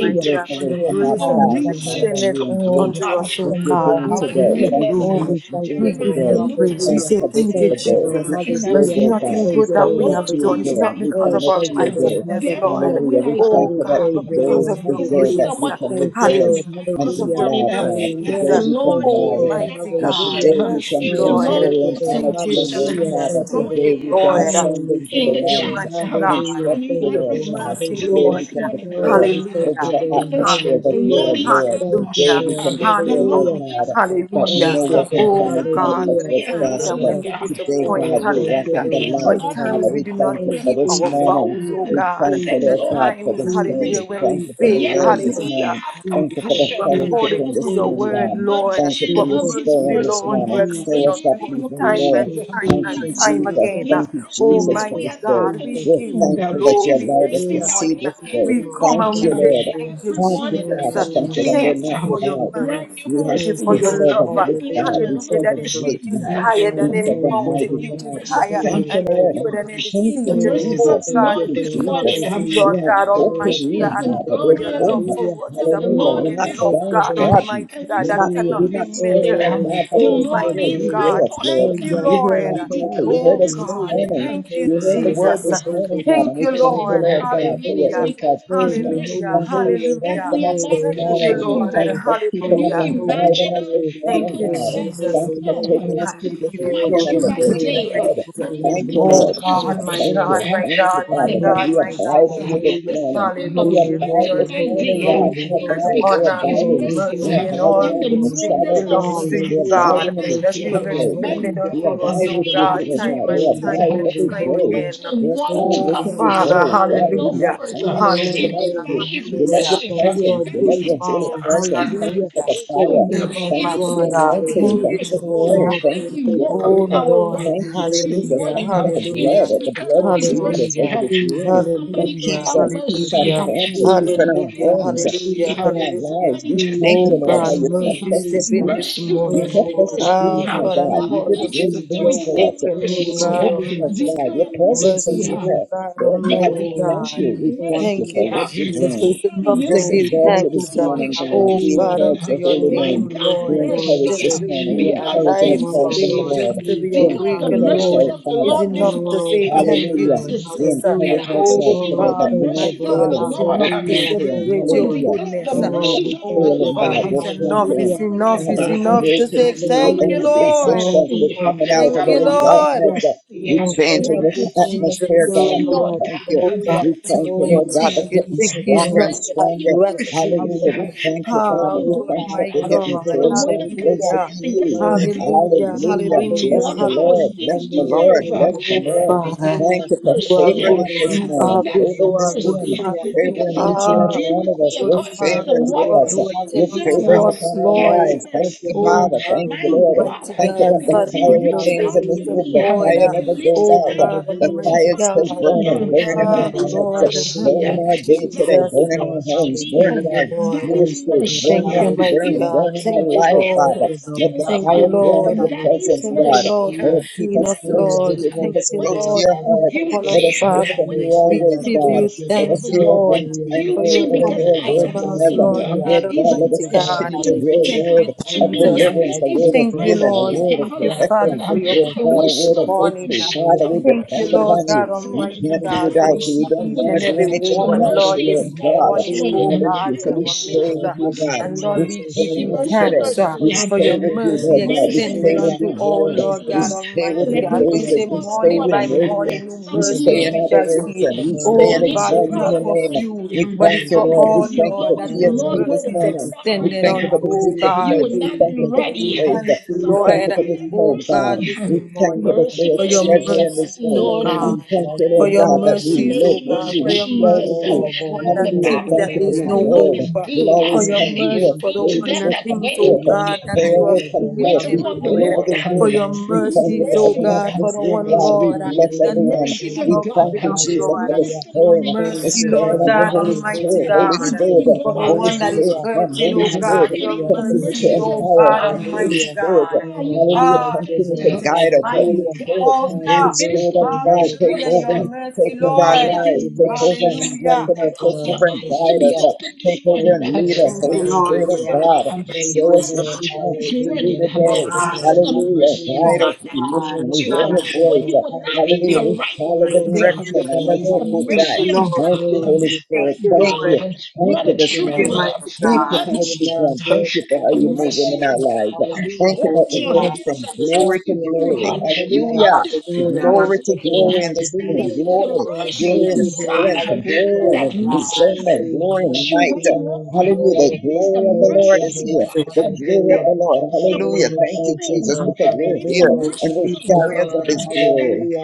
E: We break
F: God, for
E: away
F: your
B: You're
E: from our
F: grace that you
E: past,
F: have
B: powerful,
E: Father,
B: Lord.
E: and
F: extended
E: we
B: Oh, you're
E: embrace
F: unto us,
E: what
F: oh
B: awesome,
E: you're
F: God.
B: Lord.
E: doing
F: We give
E: today.
B: Hallelujah.
F: you
E: Thank you for
B: Oh,
F: glory.
E: what
B: we
E: you're
B: thank
F: We
E: doing
B: you,
F: give
B: Lord.
F: you
E: today.
F: praise. We
B: Hallelujah.
E: Thank you
F: say
E: for this
F: thank
E: is
F: you,
E: the
B: Thank you,
E: day.
B: Lord.
F: Jesus.
E: This is
F: But
E: your
F: it's
B: Hallelujah.
E: day,
F: nothing
E: God.
B: Thank
E: We
F: good
B: you,
F: that
B: Lord.
F: we
E: submit to
F: have
E: your
F: done.
E: day
F: It's
B: Hallelujah.
E: and
F: not
E: we
F: because
B: Oh,
F: of
E: commit
F: our
B: thank
E: to
B: you,
E: your
B: Lord.
E: day.
F: righteousness,
B: Hallelujah.
F: Lord.
E: Hallelujah. We
B: Oh,
F: Oh
E: thank
B: we
E: you that
F: God,
B: praise
F: but
B: you,
E: today
F: because
E: is
B: Lord.
F: of
E: the
F: your
E: day
B: Hallelujah.
E: that
F: grace.
E: we can
B: Thank you, Lord.
E: rejoice
F: Hallelujah.
E: and
F: Because
E: be
F: of
B: Hallelujah.
F: your
E: glad, God.
F: mercies.
E: Today
B: Amen.
E: we can
B: Thank you,
E: rise.
B: Lord.
F: Almighty
E: Uh,
F: God,
B: Hallelujah.
E: today we
F: mercy,
E: can
B: Oh,
E: bring
B: thank
F: Lord.
E: glory
B: you,
E: and
B: Lord.
E: honor
F: Thank
E: to
F: you,
E: your name,
B: Hallelujah.
F: Jesus.
E: Father.
B: Thank you,
F: Thank
B: Lord.
F: you,
E: Today we can
F: Lord.
B: Oh,
E: ascend
B: we
E: into
B: thank
E: the
F: Thank
B: you,
F: you,
B: Lord.
E: realms
F: mighty
E: and
F: God,
B: Hallelujah.
E: trust
F: for
B: Thank
E: you,
B: you,
F: your
E: Lord
B: Lord.
E: God.
F: mercy,
E: Today
B: Hallelujah.
F: Lord.
E: we can
B: Oh,
E: declare
B: we thank
E: over
B: you,
F: Hallelujah.
E: the
B: Lord.
F: Hallelujah.
E: atmosphere that
B: Hallelujah.
E: you are Lord.
B: Thank you,
E: Today
F: Hallelujah.
E: we
B: Lord.
E: can declare, Lord
B: Hallelujah.
F: Hallelujah.
E: God, that
F: Hallelujah.
B: Thank
E: no
B: you,
E: weapon
B: Lord.
F: Oh
E: formed against
F: God,
E: us
F: for
B: Hallelujah.
F: the
E: will
B: Thank
F: times
B: you,
F: that
E: prosper.
F: when
B: Lord.
F: we
E: Today,
F: disappoint,
B: Oh,
E: God, we
B: thank
E: walk
B: you,
E: in
F: hallelujah.
E: the
B: Lord.
E: light.
F: When
E: Father,
F: times
B: Hallelujah.
F: we
E: we
F: do
E: thank
F: not
E: you
B: Oh,
E: for
F: keep
E: this
F: our
B: Jesus,
E: morning.
F: vows, oh
B: Jesus,
E: We
F: God.
E: thank you,
F: The
B: Jesus,
E: Lord God, for
F: times,
E: this
B: Jesus,
F: hallelujah,
E: service.
F: when we
E: Thank you for
B: Jesus,
E: the
F: fail,
E: word
B: Jesus,
E: this
F: hallelujah
E: morning.
F: to
E: Thank you for
F: Do
B: Jesus,
E: the fellowship
B: Jesus,
F: according
E: in
F: to
E: this
F: your
B: Jesus.
E: room,
F: word,
E: God.
F: Lord.
E: Thank you for
F: But
E: your
B: Jesus,
F: mercy,
E: stirring this
B: Jesus,
F: Lord, you
E: morning. Stir
F: extend
B: Jesus,
E: us up
F: unto us
E: even
F: time
E: more.
F: and
B: Jesus, Jesus,
F: time
E: Thank
F: and
E: you,
B: Jesus,
F: time
E: Jesus.
F: again.
B: Jesus,
E: Thank you, Jesus, for
F: Almighty
E: this day.
F: God,
B: Jesus,
F: we
E: We're
F: give you
B: Jesus.
E: thankful that you
F: glory
E: allowed
F: this
E: us to
B: Hallelujah.
E: see
F: morning.
E: this day.
F: We
B: Mm,
F: come
E: Thank
F: and we
E: you,
B: Thank you,
F: say,
E: Lord.
B: Lord.
F: Thank you,
E: Thank you,
F: Jesus.
E: Father. Thank you
B: Mm,
E: that we're
F: Thank you
E: not
F: for your
E: without.
B: Thank you, Lord.
F: mercy.
E: We
F: Thank
E: have
F: you
B: Thank
F: for
E: we
B: you,
F: your
B: Lord.
E: serve a
F: love.
E: good God.
B: Hallelujah.
E: We
F: Hallelujah.
B: Thank
E: serve
F: That
E: a
B: you,
F: is
B: Lord.
E: great
F: reaches
E: God.
F: higher than
E: We
B: Oh,
F: any
E: serve a
B: thank you,
F: mountain,
E: mighty
B: Lord.
F: reaches
E: God. We
F: higher
B: Hallelujah.
E: thank the
F: and
B: Thank you,
E: Lord.
F: deeper than
B: Lord.
F: any
E: Thank
F: sea.
E: you,
B: Oh, we
F: Oh
E: Jesus.
B: thank
F: God,
E: Thank
B: you,
F: the
E: you,
B: Lord.
F: depths of the
E: Jesus.
F: sea,
B: Hallelujah.
E: We
F: Lord
E: have
F: God,
E: hope in
B: Oh,
F: Almighty
E: you,
B: thank
F: God
B: you,
E: God.
F: for
B: Lord.
E: There's
F: your
E: hope.
F: love for
B: Hallelujah.
F: what is
E: Hallelujah.
B: Oh,
E: We're
F: abounding
B: we
E: not
F: love,
B: thank you,
F: God
B: Lord.
E: downtrodden.
F: Almighty God,
E: We're
F: that
E: not,
B: Hallelujah.
E: we're
F: cannot be
E: not serving a
F: measured.
B: Oh,
E: God that
B: what I
E: doesn't
B: said
E: hear.
B: there
F: Almighty
E: You
B: and
F: God,
E: hear
B: there.
E: us, Lord.
B: Oh,
F: thank you,
B: yes,
E: You hear
F: Lord.
B: Lord.
E: our cry.
B: Holy,
E: You heard
F: Oh
E: us
B: holy,
E: this
F: God,
B: holy.
E: morning.
F: thank you,
E: You heard
B: Holy,
E: the word
F: Jesus.
B: holy,
E: this
B: holy.
E: morning, God. And
F: Thank you,
E: we
B: Holy,
E: thank you,
F: Lord.
E: Lord
B: holy,
E: God, for your
F: Hallelujah.
B: holy.
E: impartation.
B: Holy,
F: Hallelujah.
B: holy,
E: Thank you for
B: holy.
F: Hallelujah.
E: strengthening us
B: Holy,
E: this
F: Thank
B: holy,
F: you,
E: morning.
F: Lord.
E: Thank
B: holy.
E: you for keeping us
F: Hallelujah.
B: Holy,
E: and
B: holy,
E: guiding us this
B: holy.
F: Thank
E: morning,
F: you,
E: God.
B: Holy,
F: Jesus.
E: Thank you for
B: holy, holy.
E: taking us
F: God,
E: through
F: we
E: this
F: give you
B: Oh,
E: weekend
F: glory.
E: and
B: thank
E: the
F: We
B: you,
F: give
E: days
F: you
B: Lord.
E: ahead.
F: praise.
E: Thank you,
F: Oh
B: Hallelujah.
E: Lord.
B: Thank
F: God,
E: God,
B: you,
F: my
E: thank
F: God,
E: you.
F: my
E: Thank
B: Lord.
F: God,
E: you,
F: my
E: Father, that
B: Hallelujah.
F: God,
E: we
F: my
E: abide
F: God.
E: in you this
B: Hallelujah.
E: morning. We
B: Holy,
F: Hallelujah to
E: abide
F: your
B: holy,
E: this
F: name.
B: holy,
E: morning, God. We
F: Glory
B: holy,
F: and
B: holy.
E: abide. We're
F: honor,
B: Oh,
E: abiding.
B: we
E: We're
B: bless
F: mercy, and
B: your
E: abiding
F: all
B: name,
E: under
B: Lord.
F: these
E: the
F: things
E: shadow of your
F: belongs to
E: wings.
F: you,
E: We're
B: Hallelujah.
F: God,
E: abiding in the
B: Thank
F: that
B: you,
F: you
E: secret
F: have
B: God.
E: place.
F: extended
B: Holy, the
E: We
F: unto us,
E: abide
B: awesome
F: oh
E: with you
B: God.
F: God,
E: today,
F: time
E: God. We
F: and
B: Holy,
F: time
E: abide
F: and
B: holy,
E: every
F: time
E: day.
B: holy,
F: again.
E: Lord God,
F: Oh
B: holy,
E: where can we
B: holy,
F: Father,
E: go? God,
B: holy.
E: we're not
F: hallelujah,
B: You're
E: hanging away
B: holy,
E: without
F: hallelujah,
E: you.
B: holy,
E: We love
B: holy.
E: your
F: hallelujah.
B: Like you are
E: presence. We love
B: good,
E: your holy
B: all.
F: Yes,
E: presence. Thank
D: You're
E: you
B: Hallelujah.
E: for
F: hallelujah.
E: the
B: Give us
E: fire.
D: faithful.
B: a
F: Thank
B: fresh
F: you,
E: Thank you for the
F: mighty
B: word.
F: God.
E: anointing.
F: Thank
B: Hallelujah.
E: Thank
F: you,
E: you for the oil.
F: Jehovah.
B: Oh,
E: Thank
B: thank
E: you for
B: you,
E: your
B: Lord.
F: Oh
E: favor.
B: Thank
F: Lord,
E: Thank
B: you,
E: you,
B: Lord.
E: Jesus.
F: hallelujah,
E: Thank you for the
B: And
E: blood,
F: hallelujah,
E: uh,
B: never
E: the blood
B: before,
E: of
B: Lord.
E: Jesus over
F: hallelujah,
E: this room
B: Jesus,
E: that
B: Jesus,
F: hallelujah,
E: keeps us, keeps
B: Jesus.
E: our
F: hallelujah,
E: family, keeping
B: Jesus,
E: our
F: hallelujah,
E: homes,
B: Jesus,
E: uh,
F: hallelujah,
E: keeping
B: Jesus.
E: our
F: hallelujah.
E: lives. We thank
F: Oh
B: Jesus,
E: you, Lord, how
F: God,
E: you
B: Jesus,
F: mercy,
E: kept us
F: step
E: this
F: in
B: Jesus.
E: week.
F: this
E: You
F: morning.
E: kept us
B: Oh,
E: this week,
F: Ah,
E: my
B: Jesus,
F: God, and
E: God. You
F: cause
B: Jesus,
E: did
F: us
E: great
F: to be
B: Jesus.
E: things for us. Uh,
F: awoken, oh
E: You
B: Oh,
F: God
E: spoke to us,
B: Jesus,
F: Almighty.
E: God. Your
B: Jesus,
E: presence is
F: Mercy, oh
B: Jesus.
E: here.
F: God
E: Lord God, we
F: Almighty
B: Oh,
E: thank you.
F: God.
E: We
B: Jesus,
E: thank you
F: Thank
E: for
F: you,
B: Jesus,
E: what you're
F: Jesus.
E: doing.
F: for
B: Jesus.
F: It's
E: We
F: enough to
E: just
B: Oh,
F: give
B: we
E: exalt
B: thank
E: you
B: you,
E: this
F: thanks, uh,
B: Lord.
E: morning, God.
F: oh
E: We
B: Hallelujah.
F: God,
E: exalt
F: unto
E: your
F: your
E: holy
B: Oh, we
E: name.
F: name,
B: thank
E: We
B: you,
F: Lord.
B: Lord.
E: encourage
F: Just
E: this
F: to
E: morning.
B: Hallelujah.
E: We
F: be
E: encourage
F: alive
E: ourselves
B: Oh,
E: in the
F: today,
B: Lord
E: Lord.
F: just to be
E: We
B: Jesus.
E: encourage
F: awakened,
B: Hallelujah.
F: Lord,
E: ourselves, Father.
F: is enough to
B: Oh,
F: say
B: thank
F: thank
B: you,
F: you,
E: Hallelujah.
B: Lord.
E: We
F: Jesus. Uh,
B: Hallelujah.
E: encourage
F: Oh
E: ourselves
B: Oh,
E: today that
F: God,
E: we're
B: thank you,
E: not
F: my
B: Lord.
F: God,
E: failing,
F: it's
E: we're
F: enough to
B: Hallelujah.
E: conquering.
B: Thank you,
F: celebrate your
B: Lord.
E: Hallelujah.
F: goodness.
E: We're
F: Uh,
B: Oh,
E: not
B: we thank
F: Oh
B: you,
E: failing,
F: Father,
B: Lord.
E: God.
F: it's
E: We're
F: enough,
B: Hallelujah.
F: it's
E: conquering.
F: enough,
E: Father,
F: it's
B: Thank
E: we're
B: you,
F: enough to
B: Lord.
F: say
E: breaking through
F: thank you,
B: Hallelujah.
E: every
F: Lord.
B: Oh,
E: resistance.
B: we
E: We're
B: thank
E: coming
B: you,
E: out
F: Thank
E: of
B: Lord.
F: you,
E: every
F: Lord.
E: darkness.
B: Hallelujah.
E: uh, We're
B: Oh, for
E: changing
F: Thank
E: the
F: you,
B: everything that you
E: atmosphere,
F: Jesus.
B: do,
E: God. We
B: Lord.
E: thank you.
F: Oh
B: Hallelujah.
F: God,
E: We
F: thank
E: thank you,
B: Oh,
F: you,
E: Lord
B: your
E: God,
F: thank
E: that
F: you,
E: we're
B: mercy
E: getting
F: thank
B: for
F: you. It's
E: stronger
B: bread.
F: not
E: and
F: to have
E: stronger.
B: Your
F: gratitude.
E: Hallelujah.
B: compassion.
E: We thank you,
B: Oh,
F: Ah,
E: Father. We
B: Lord
F: God,
E: thank you
B: God,
E: that
F: my
E: we're
B: thank
E: getting
B: you,
F: God,
B: Lord.
E: closer and
B: Hallelujah.
E: closer
F: hallelujah,
E: to you.
B: Oh, thank
F: hallelujah,
B: you, Lord.
E: Hallelujah.
F: hallelujah,
E: Bless the
B: Hallelujah.
E: Lord.
F: hallelujah.
E: Bless the
B: Oh,
E: Lord.
B: thank
E: Bless
B: you,
E: the
F: Oh,
B: Lord.
E: Lord.
F: Father,
B: Hallelujah.
E: Thank you for
F: you are
B: Oh,
E: favoring
F: good.
E: us this
B: Lord,
F: You
B: thank
E: morning,
F: are
B: you,
F: good.
B: Lord.
F: You
E: favoring
F: are
E: this
F: good,
E: room,
B: Hallelujah.
F: Father. You
E: favoring
B: Thank
E: each
B: you,
E: and
F: are
E: every
B: Lord.
E: one of us.
F: good,
E: Your
B: Hallelujah.
E: favor
F: Father,
E: is
B: Thank you,
E: with
F: Lord,
E: us.
B: Lord.
F: who
E: Your
F: attend
B: Hallelujah.
E: favor
F: unto
E: is
F: us,
E: upon our
B: Oh, we
F: Lord.
E: lives. Thank
B: thank you,
E: you,
F: Oh,
B: Lord.
E: Father.
F: God,
E: Thank you,
B: Hallelujah.
E: Lord.
F: Almighty
E: Thank you
F: God,
E: that
B: Thank
E: the
B: you,
F: Father, you
E: fire
B: Lord.
F: have no
E: remains in this
B: Hallelujah.
F: favoritism,
E: room. The
B: Thank you,
F: Lord.
E: fire
B: Lord.
E: never goes
F: Oh,
E: out.
F: God,
E: The
B: Hallelujah.
F: Almighty
E: fire is still
F: God.
B: Oh,
E: burning,
B: we
E: burning
B: thank
E: in
B: you,
F: Ah,
E: our
B: Lord.
E: hearts,
F: Lord,
E: burning
B: Hallelujah.
E: our day today,
B: Thank you,
F: Jesus.
E: burning
B: Lord.
E: our homes,
F: Thank
E: burning
B: Hallelujah.
F: you,
E: our
F: Lord.
B: Thank you,
E: ministries,
B: Lord.
E: burn
F: Thank
E: what
F: you,
E: you
F: mighty
E: burn,
B: Hallelujah.
F: God.
E: burn in our
F: Thank you,
E: life,
B: Thank
F: Lord.
E: Father.
B: you,
E: Let
B: Lord.
E: the
F: Thank you,
E: fire
B: Hallelujah.
E: burn
F: Lord.
E: of your
B: Hallelujah.
E: presence,
F: Thank you,
E: God.
F: Lord, for
B: Hallelujah.
E: Lord, keep
F: seeing
E: us
F: us,
B: Oh,
E: close to
B: we
F: Lord.
E: you. Keep
B: bless
F: Thank
E: us
B: you,
F: you,
E: close to
B: Lord.
F: Lord,
E: your
F: for looking
E: heart.
F: upon
B: Hallelujah.
F: us,
E: Let us hear
F: Father.
E: from you
F: We
B: Hallelujah.
E: always,
F: give
E: God.
B: Thank
F: you
B: you,
E: Let
B: Lord.
F: thanks,
E: us hear an
F: Lord,
E: end
B: Hallelujah.
E: time
F: for you
E: word.
F: have
E: Let
B: Thank
E: us
B: you,
E: hear a
F: compassion
E: word
B: Lord.
F: on
E: from
F: us,
E: heaven.
F: Lord
B: Hallelujah.
F: God
E: Lord God,
B: Thank
E: let
F: Almighty
E: us
B: you, Lord.
E: continue
F: God.
E: to hear a
B: Hallelujah.
F: Thank you,
E: word of
B: Oh,
F: Jesus.
B: we
E: deliverance,
B: bless
E: a
B: you,
E: word of
F: Thank
B: Lord.
F: you,
E: healing, a
F: Lord.
E: word of
F: Thank you,
B: Hallelujah.
F: Father,
B: Thank
E: protection.
F: for
B: you,
F: your
E: Lord
B: Lord.
F: people
E: God, a
F: this
E: word of
B: For the
F: morning.
E: victory. Father,
B: power,
E: we
B: the
F: Thank you,
E: depend
B: power,
E: upon
F: Lord
B: the
E: you.
F: God
E: We
B: power.
F: Almighty
E: can't
B: Thank
E: do
B: you,
F: God, for
E: without
F: you
B: Lord.
E: you. We
F: see
E: don't
F: each
E: want
F: and
E: to do
B: Hallelujah.
F: every
E: anything
F: one,
B: Thank
E: without
B: you,
F: Lord,
E: you,
B: Lord. Hallelujah. Thank you,
E: Lord
F: this
B: Lord.
E: God.
F: morning, oh
B: Hallelujah. Thank you, Lord.
F: God,
E: Hallelujah.
F: in
E: So we
F: our
B: Thank you,
E: stay
F: midst.
E: with
F: uh,
E: you, God.
F: And Lord,
E: We
F: we give
E: stay
F: you
E: with you today.
F: thanks uh,
E: We
F: for your
E: stay with you,
B: Lord.
F: mercy
E: Lord God. We
F: extended
E: stay
B: Hallelujah.
E: with
F: unto
E: your
F: all,
E: word.
B: Praise
F: Lord
E: We
F: God
B: you,
E: stay with
F: Almighty
E: your
F: God. For you
B: Hallelujah,
F: say,
E: praises. We stay
F: morning by
E: in worship.
B: hallelujah,
F: morning, new
E: We
B: the
F: mercies
E: stay
B: Lord,
E: in
F: we shall
B: praise
F: see.
B: the
E: adoration. We
B: Lord,
E: stay
F: Oh
E: in
F: God, it's
E: exalting
B: hallelujah,
F: not
E: your
F: for
E: name.
F: few,
E: We
F: but
E: thank
F: it's
E: you,
F: for
E: Lord.
B: hallelujah,
E: We
F: all,
E: thank you
F: Lord,
E: for
F: that your
B: oh,
E: TSP
B: Lord
E: this
F: mercy is
B: Jesus,
E: morning. We
F: extended
E: thank
B: Jesus,
E: you for
F: unto,
E: the
F: oh
B: hallelujah,
E: secret
F: God.
E: place. We
F: And
E: thank
F: we
E: you
B: Jesus,
E: for
F: give
E: this
F: you
E: place.
B: Jesus,
F: thanks,
E: We
B: Jesus,
E: thank you for
F: Lord.
E: this
F: O
B: Jesus,
E: home, God.
F: God, this
E: We
B: Jesus,
E: thank
F: morning,
E: you that
B: Jesus,
E: you're
F: for
E: a
F: your
E: treasure
B: hallelujah,
E: in
F: mercies,
E: this
F: O
E: home.
B: oh,
E: We
F: God,
B: we
E: thank
B: bless
E: you,
B: the
F: for
E: Lord
F: your
E: God,
B: name,
E: that we
B: Lord,
F: mercies,
E: live
F: O
E: with
F: God,
E: you.
F: for
B: hallelujah,
E: We
F: your
E: dwell with
F: mercies
E: you.
F: for
B: oh,
F: the one
B: Lord,
F: that
B: thank
E: Hallelujah.
F: thinks
B: you,
E: Thank
F: that
E: you
F: there
E: for
B: Lord,
F: is
E: your
F: no
E: word.
B: hallelujah,
F: hope,
E: Will
F: for
E: always
F: your
E: come
B: oh,
F: mercy
E: forth.
F: for the
B: mercy,
F: one
E: Praises
F: that
E: will come
F: thinks, O
E: forth.
B: hallelujah,
F: God, that
E: Prayer
F: you
B: thank
F: are
E: will
B: you,
F: through
E: come
B: Lord,
F: with
E: forth. We
F: them,
E: pray
B: hallelujah,
F: Lord,
E: over this
B: thank
F: for
B: you,
E: room.
F: your
E: We thank you
F: mercies,
B: Lord,
E: for
F: O
E: everyone
F: God,
E: in
F: for
E: this
F: the
E: room,
F: one,
E: God.
B: Lord,
E: We
F: Lord,
E: bless
F: that is
B: hallelujah,
E: everyone.
F: thinking
B: thank
E: We
B: you,
F: about
E: thank
B: Lord,
F: giving
E: you,
F: up,
E: Jesus,
F: Lord,
E: for the
B: hallelujah,
F: your
E: stirring,
B: thank
E: the
F: mercy,
B: you,
F: Lord
E: stirring of
B: Lord,
E: the
F: God,
E: Holy
F: Almighty
E: Spirit.
B: hallelujah,
E: Holy
B: thank
F: God.
B: you,
E: Spirit,
B: Lord,
F: For the
E: Holy
F: one that is
E: Spirit,
B: hallelujah,
E: come.
F: hurting,
E: Holy
F: O
E: Spirit,
F: God, your
B: hallelujah, thank
E: continue to
B: you,
F: mercy, O
B: Lord,
E: empower us.
F: God,
E: Come, Holy
F: Almighty
B: hallelujah.
E: Spirit,
F: God.
B: Oh, we
E: hallelujah,
B: bless
F: Ah,
B: you,
E: continue to
B: Lord,
F: Jesus,
E: guide us.
F: mighty
E: Holy
B: hallelujah,
E: Spirit, Holy
F: Jehovah.
E: Spirit of
B: hallelujah,
E: God, take
F: Hallelujah,
B: hallelujah.
F: your
E: over. Take
F: mercy,
B: Oh,
E: over our
F: Lord.
E: lives.
B: mercy,
E: Take over and
B: mercy,
F: Hallelujah.
B: thank
E: strengthen us.
B: you,
E: Take
B: Lord,
E: over
F: Thank
E: and
F: you,
E: guide us.
B: hallelujah,
F: Jesus.
E: Uh, Take over
B: thank
E: and
B: you,
E: lead
B: Lord,
E: us.
F: Thank you,
E: Holy
F: Lord,
E: Spirit
F: for
E: of
B: hallelujah,
F: your
E: God,
F: mercy.
B: thank
E: show
B: you,
E: us what
B: Lord,
E: you want us to do
B: hallelujah,
E: today.
F: Oh,
B: thank you,
F: God.
B: Lord,
E: Hallelujah.
B: hallelujah.
E: Guide
F: Oh,
E: us. We
B: Lord,
F: God.
E: listen.
F: Oh,
B: we
E: We hear
B: bless
F: God.
E: your
B: you,
E: voice.
B: Lord.
E: Uh, Hallelujah.
F: Thank
B: Hallelujah.
E: We follow the
B: Oh, thank
F: you,
B: you,
E: direction.
B: Lord.
F: Lord.
E: Hallelujah.
F: Thank you, Lord. Thank you,
B: Hallelujah.
F: Lord.
E: Thank you,
B: Oh,
E: Holy
B: we bless
E: Spirit.
F: Thank you,
B: you,
E: Thank you.
F: Lord.
B: Lord.
E: Thank
B: Bless
E: you this
F: Thank
B: you,
F: you,
E: morning.
B: Lord.
F: mighty
E: Thank you
F: God.
E: for what
B: We
E: you've
B: love
E: done.
B: you.
E: Thank you for
B: My
E: how you're
B: full of love.
E: moving
B: you.
E: in our lives.
B: Hallelujah.
E: Thank you
F: Oh,
E: that we're
B: Oh,
E: going
F: God.
B: we
E: from
B: bless
E: glory
F: Hallelujah.
E: to
B: you. We
E: glory.
B: live in there.
E: Hallelujah.
B: Oh,
F: Hallelujah.
B: thank
E: Glory to
B: you,
F: Hallelujah.
B: Lord.
E: glory in the
B: Hallelujah.
F: Thank
E: Spirit,
F: you, Lord.
E: Glory,
B: Oh,
F: Thank
B: thank
E: glory in
F: you,
B: you,
F: Lord.
B: Lord.
E: strength,
B: Hallelujah.
F: Good
E: glory in
B: We
F: God.
E: discernment,
B: pursue,
E: glory in
B: bless
E: might.
B: you,
E: Hallelujah. The
B: Lord.
E: glory of the
B: Thank
E: Lord
B: you,
E: is
B: Lord.
E: here.
F: Jesus,
E: The glory of
B: Hallelujah.
E: the Lord. Hallelujah.
B: Oh,
E: Thank you,
B: thank you,
E: Jesus,
B: Lord.
E: because we're here
B: Hallelujah.
E: and
F: Jesus,
E: we're
F: Jesus,
E: carriers of
B: Oh,
E: his glory.
B: hallelujah.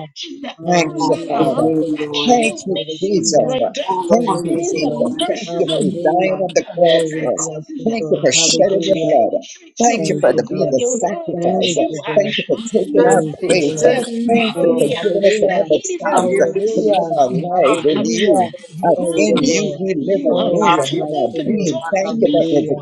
E: Thank
B: Hallelujah.
F: on
E: you,
F: your
E: Father.
F: name,
B: Thank you,
F: Lord.
B: Lord.
E: Thank you, Jesus.
B: Hallelujah.
F: All
E: Thank
B: Thank
F: upon
E: you,
F: you,
B: you, Lord.
E: Jesus.
F: Lord.
E: Thank you for dying
B: Hallelujah.
E: on the cross
B: Oh, we
E: for us.
B: bless you,
E: Thank you
B: Lord.
E: for shedding your
B: Hallelujah.
E: blood. Thank you
B: Thank
E: for
F: Jesus,
B: you,
E: the being
B: Lord.
E: the sacrifice.
B: Thank you, Lord.
E: Thank you for taking our
F: Jesus,
B: Thank you,
E: place.
B: Lord.
F: Jesus,
E: Thank you
F: Jesus.
B: Oh,
E: for giving us
B: hallelujah.
E: another chance
F: Hallelujah.
E: to live
B: Hallelujah.
E: our lives
F: Thank you
E: in
F: for your
B: Hallelujah.
E: you. Uh,
F: mercies,
B: Thank
F: oh
E: in
B: you,
F: God.
E: you
B: Lord.
E: we live and
B: Oh,
E: move
B: we
E: and have
B: bless
E: our
B: you,
F: Hallelujah.
B: Lord.
E: being.
F: Hallelujah.
E: Thank you that we're
B: Hallelujah.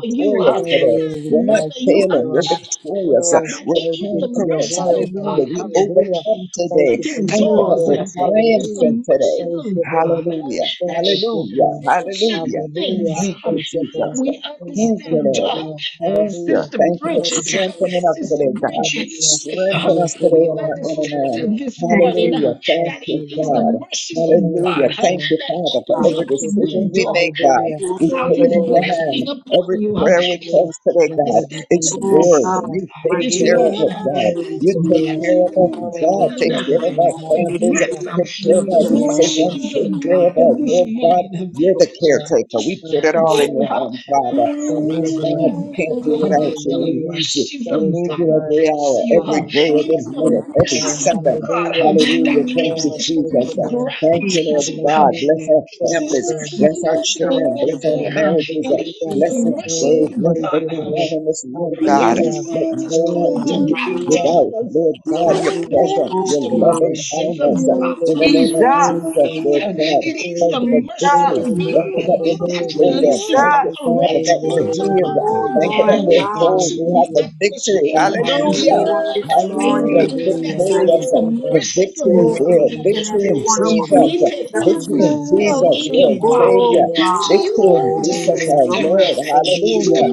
F: You
E: today.
B: Oh, we
F: will
E: We're
F: be in
E: not
B: bless you,
E: failing. We're
B: Lord.
F: God.
E: victorious.
F: God.
B: Oh,
E: We're
B: thank you for your
E: conquerors.
B: word, Lord.
E: Hallelujah. We
B: Hallelujah.
E: overcome
B: Thank
E: today.
B: you for
E: Thank you
B: you,
E: that we're
B: Lord. Hallelujah.
E: triumphant today.
B: Thank you, Lord.
E: Hallelujah.
B: Thank you,
E: Hallelujah.
B: Lord.
E: Hallelujah.
B: Hallelujah.
E: Thank you,
B: Thank you, Lord.
E: Jesus.
B: Oh,
E: Thank
B: thank
E: you,
B: you,
E: Lord.
B: Lord.
E: Thank you.
B: Hallelujah.
E: Thank you for
B: Oh, we thank
E: strengthening
B: you,
E: us
B: Lord.
E: today, God.
B: Hallelujah.
E: Strengthen
B: Thank
E: us
B: you,
E: today in
B: Lord.
E: our inner man.
B: Hallelujah.
F: Thank you,
B: Oh, we
E: Hallelujah. Thank
B: bless
E: you,
B: you, Lord.
E: God.
B: Thank
E: Hallelujah.
B: you,
E: Thank
B: Lord.
E: you, Father, for
F: God.
E: every
B: Thank you,
E: decision
B: Lord.
E: we make, God.
B: Hallelujah.
F: You,
E: We
F: Lord
E: put it in
F: God,
E: your
B: Oh,
D: You
B: we
E: hand.
B: thank
E: Every prayer we
B: you, Lord.
E: cast today,
B: And
E: God,
B: everything
E: it's
B: that has
E: yours.
F: God,
B: breath.
E: You
F: my
E: take care
B: Hallelujah.
E: of it,
D: are
E: God.
D: my
B: Praise
E: You
B: the
E: take
B: Lord.
E: care of us,
D: strength,
E: God.
B: Oh,
E: Take
B: thank
E: care
B: you,
E: of our
B: Lord.
E: families.
B: Hallelujah.
E: Take care of our
F: Jesus,
B: Oh,
D: joy
E: decisions.
D: and
E: Take
B: thank
E: care
D: no
B: you, Lord.
E: of our
D: fear,
E: Lord
B: Thank
E: God. You're the caretaker. We put
B: you,
E: it all
B: Lord.
E: in your hands, Father.
B: Thank
E: Lord
B: you, Lord.
E: God, we
D: like no
E: can't do without you. We
B: Hallelujah.
E: need you. We
B: Praise
E: need
B: the
E: you
B: Lord.
E: every hour, every
B: Hallelujah.
E: day, every
B: Praise
E: minute,
B: the
E: every
B: Lord.
E: second.
B: Hallelujah.
E: Hallelujah.
D: one.
E: Thank you,
B: Oh, praise
E: Jesus.
B: the Lord.
E: Thank you, Lord God. Bless
B: Hallelujah.
E: our
B: Praise the
E: families.
B: Lord.
E: Bless our
B: Praise
E: children.
B: the
E: Bless our
B: Lord.
E: marriages.
B: Hallelujah.
E: Bless
F: Jesus,
E: this
B: Oh,
E: day.
B: we
E: Bless
B: praise the Lord.
E: everyone in this room, God.
B: Hallelujah.
E: Let no one
B: Oh,
E: be
F: Jesus,
B: hallelujah.
E: without, Lord God, your
B: Hallelujah.
E: presence,
F: oh
E: your
F: God.
E: loving
B: Holy, holy,
E: kindness. uh,
D: Your
E: In
B: holy.
D: tears
E: the name
F: Jesus,
E: of
B: Holy,
E: Jesus,
D: You
E: Lord
B: holy,
E: God, thank
B: holy.
E: you for
F: Jesus,
E: victory.
B: Holy, holy, holy.
E: Thank you that we're
B: holy,
E: victorious.
F: Jesus,
E: Thank you,
B: Holy,
E: Father, that
D: are
B: holy,
E: we're
D: my
E: healed.
F: oh
E: Thank
B: holy.
E: you
F: Lord
E: that
D: love.
E: we're
F: God,
E: whole. We have the
B: Hallelujah. Yes,
E: victory.
B: Lord.
D: Thank
F: oh
B: Hallelujah.
E: Hallelujah.
F: everyone this
E: Hallelujah.
F: morning,
B: Hallelujah.
F: Jesus,
B: praise
E: Victorious. The
B: the
E: victory is
F: oh
E: real.
F: each and
E: Victory
F: every
E: in
F: one of us,
E: Jesus.
B: Lord.
F: Jesus,
E: Victory in
B: Hallelujah.
E: Jesus, Lord
F: oh
E: Savior.
B: Hallelujah.
F: God,
E: Victory in Jesus,
F: Jesus,
B: Hallelujah.
E: our
F: your
E: Lord.
F: mercy,
B: Hallelujah.
E: Hallelujah.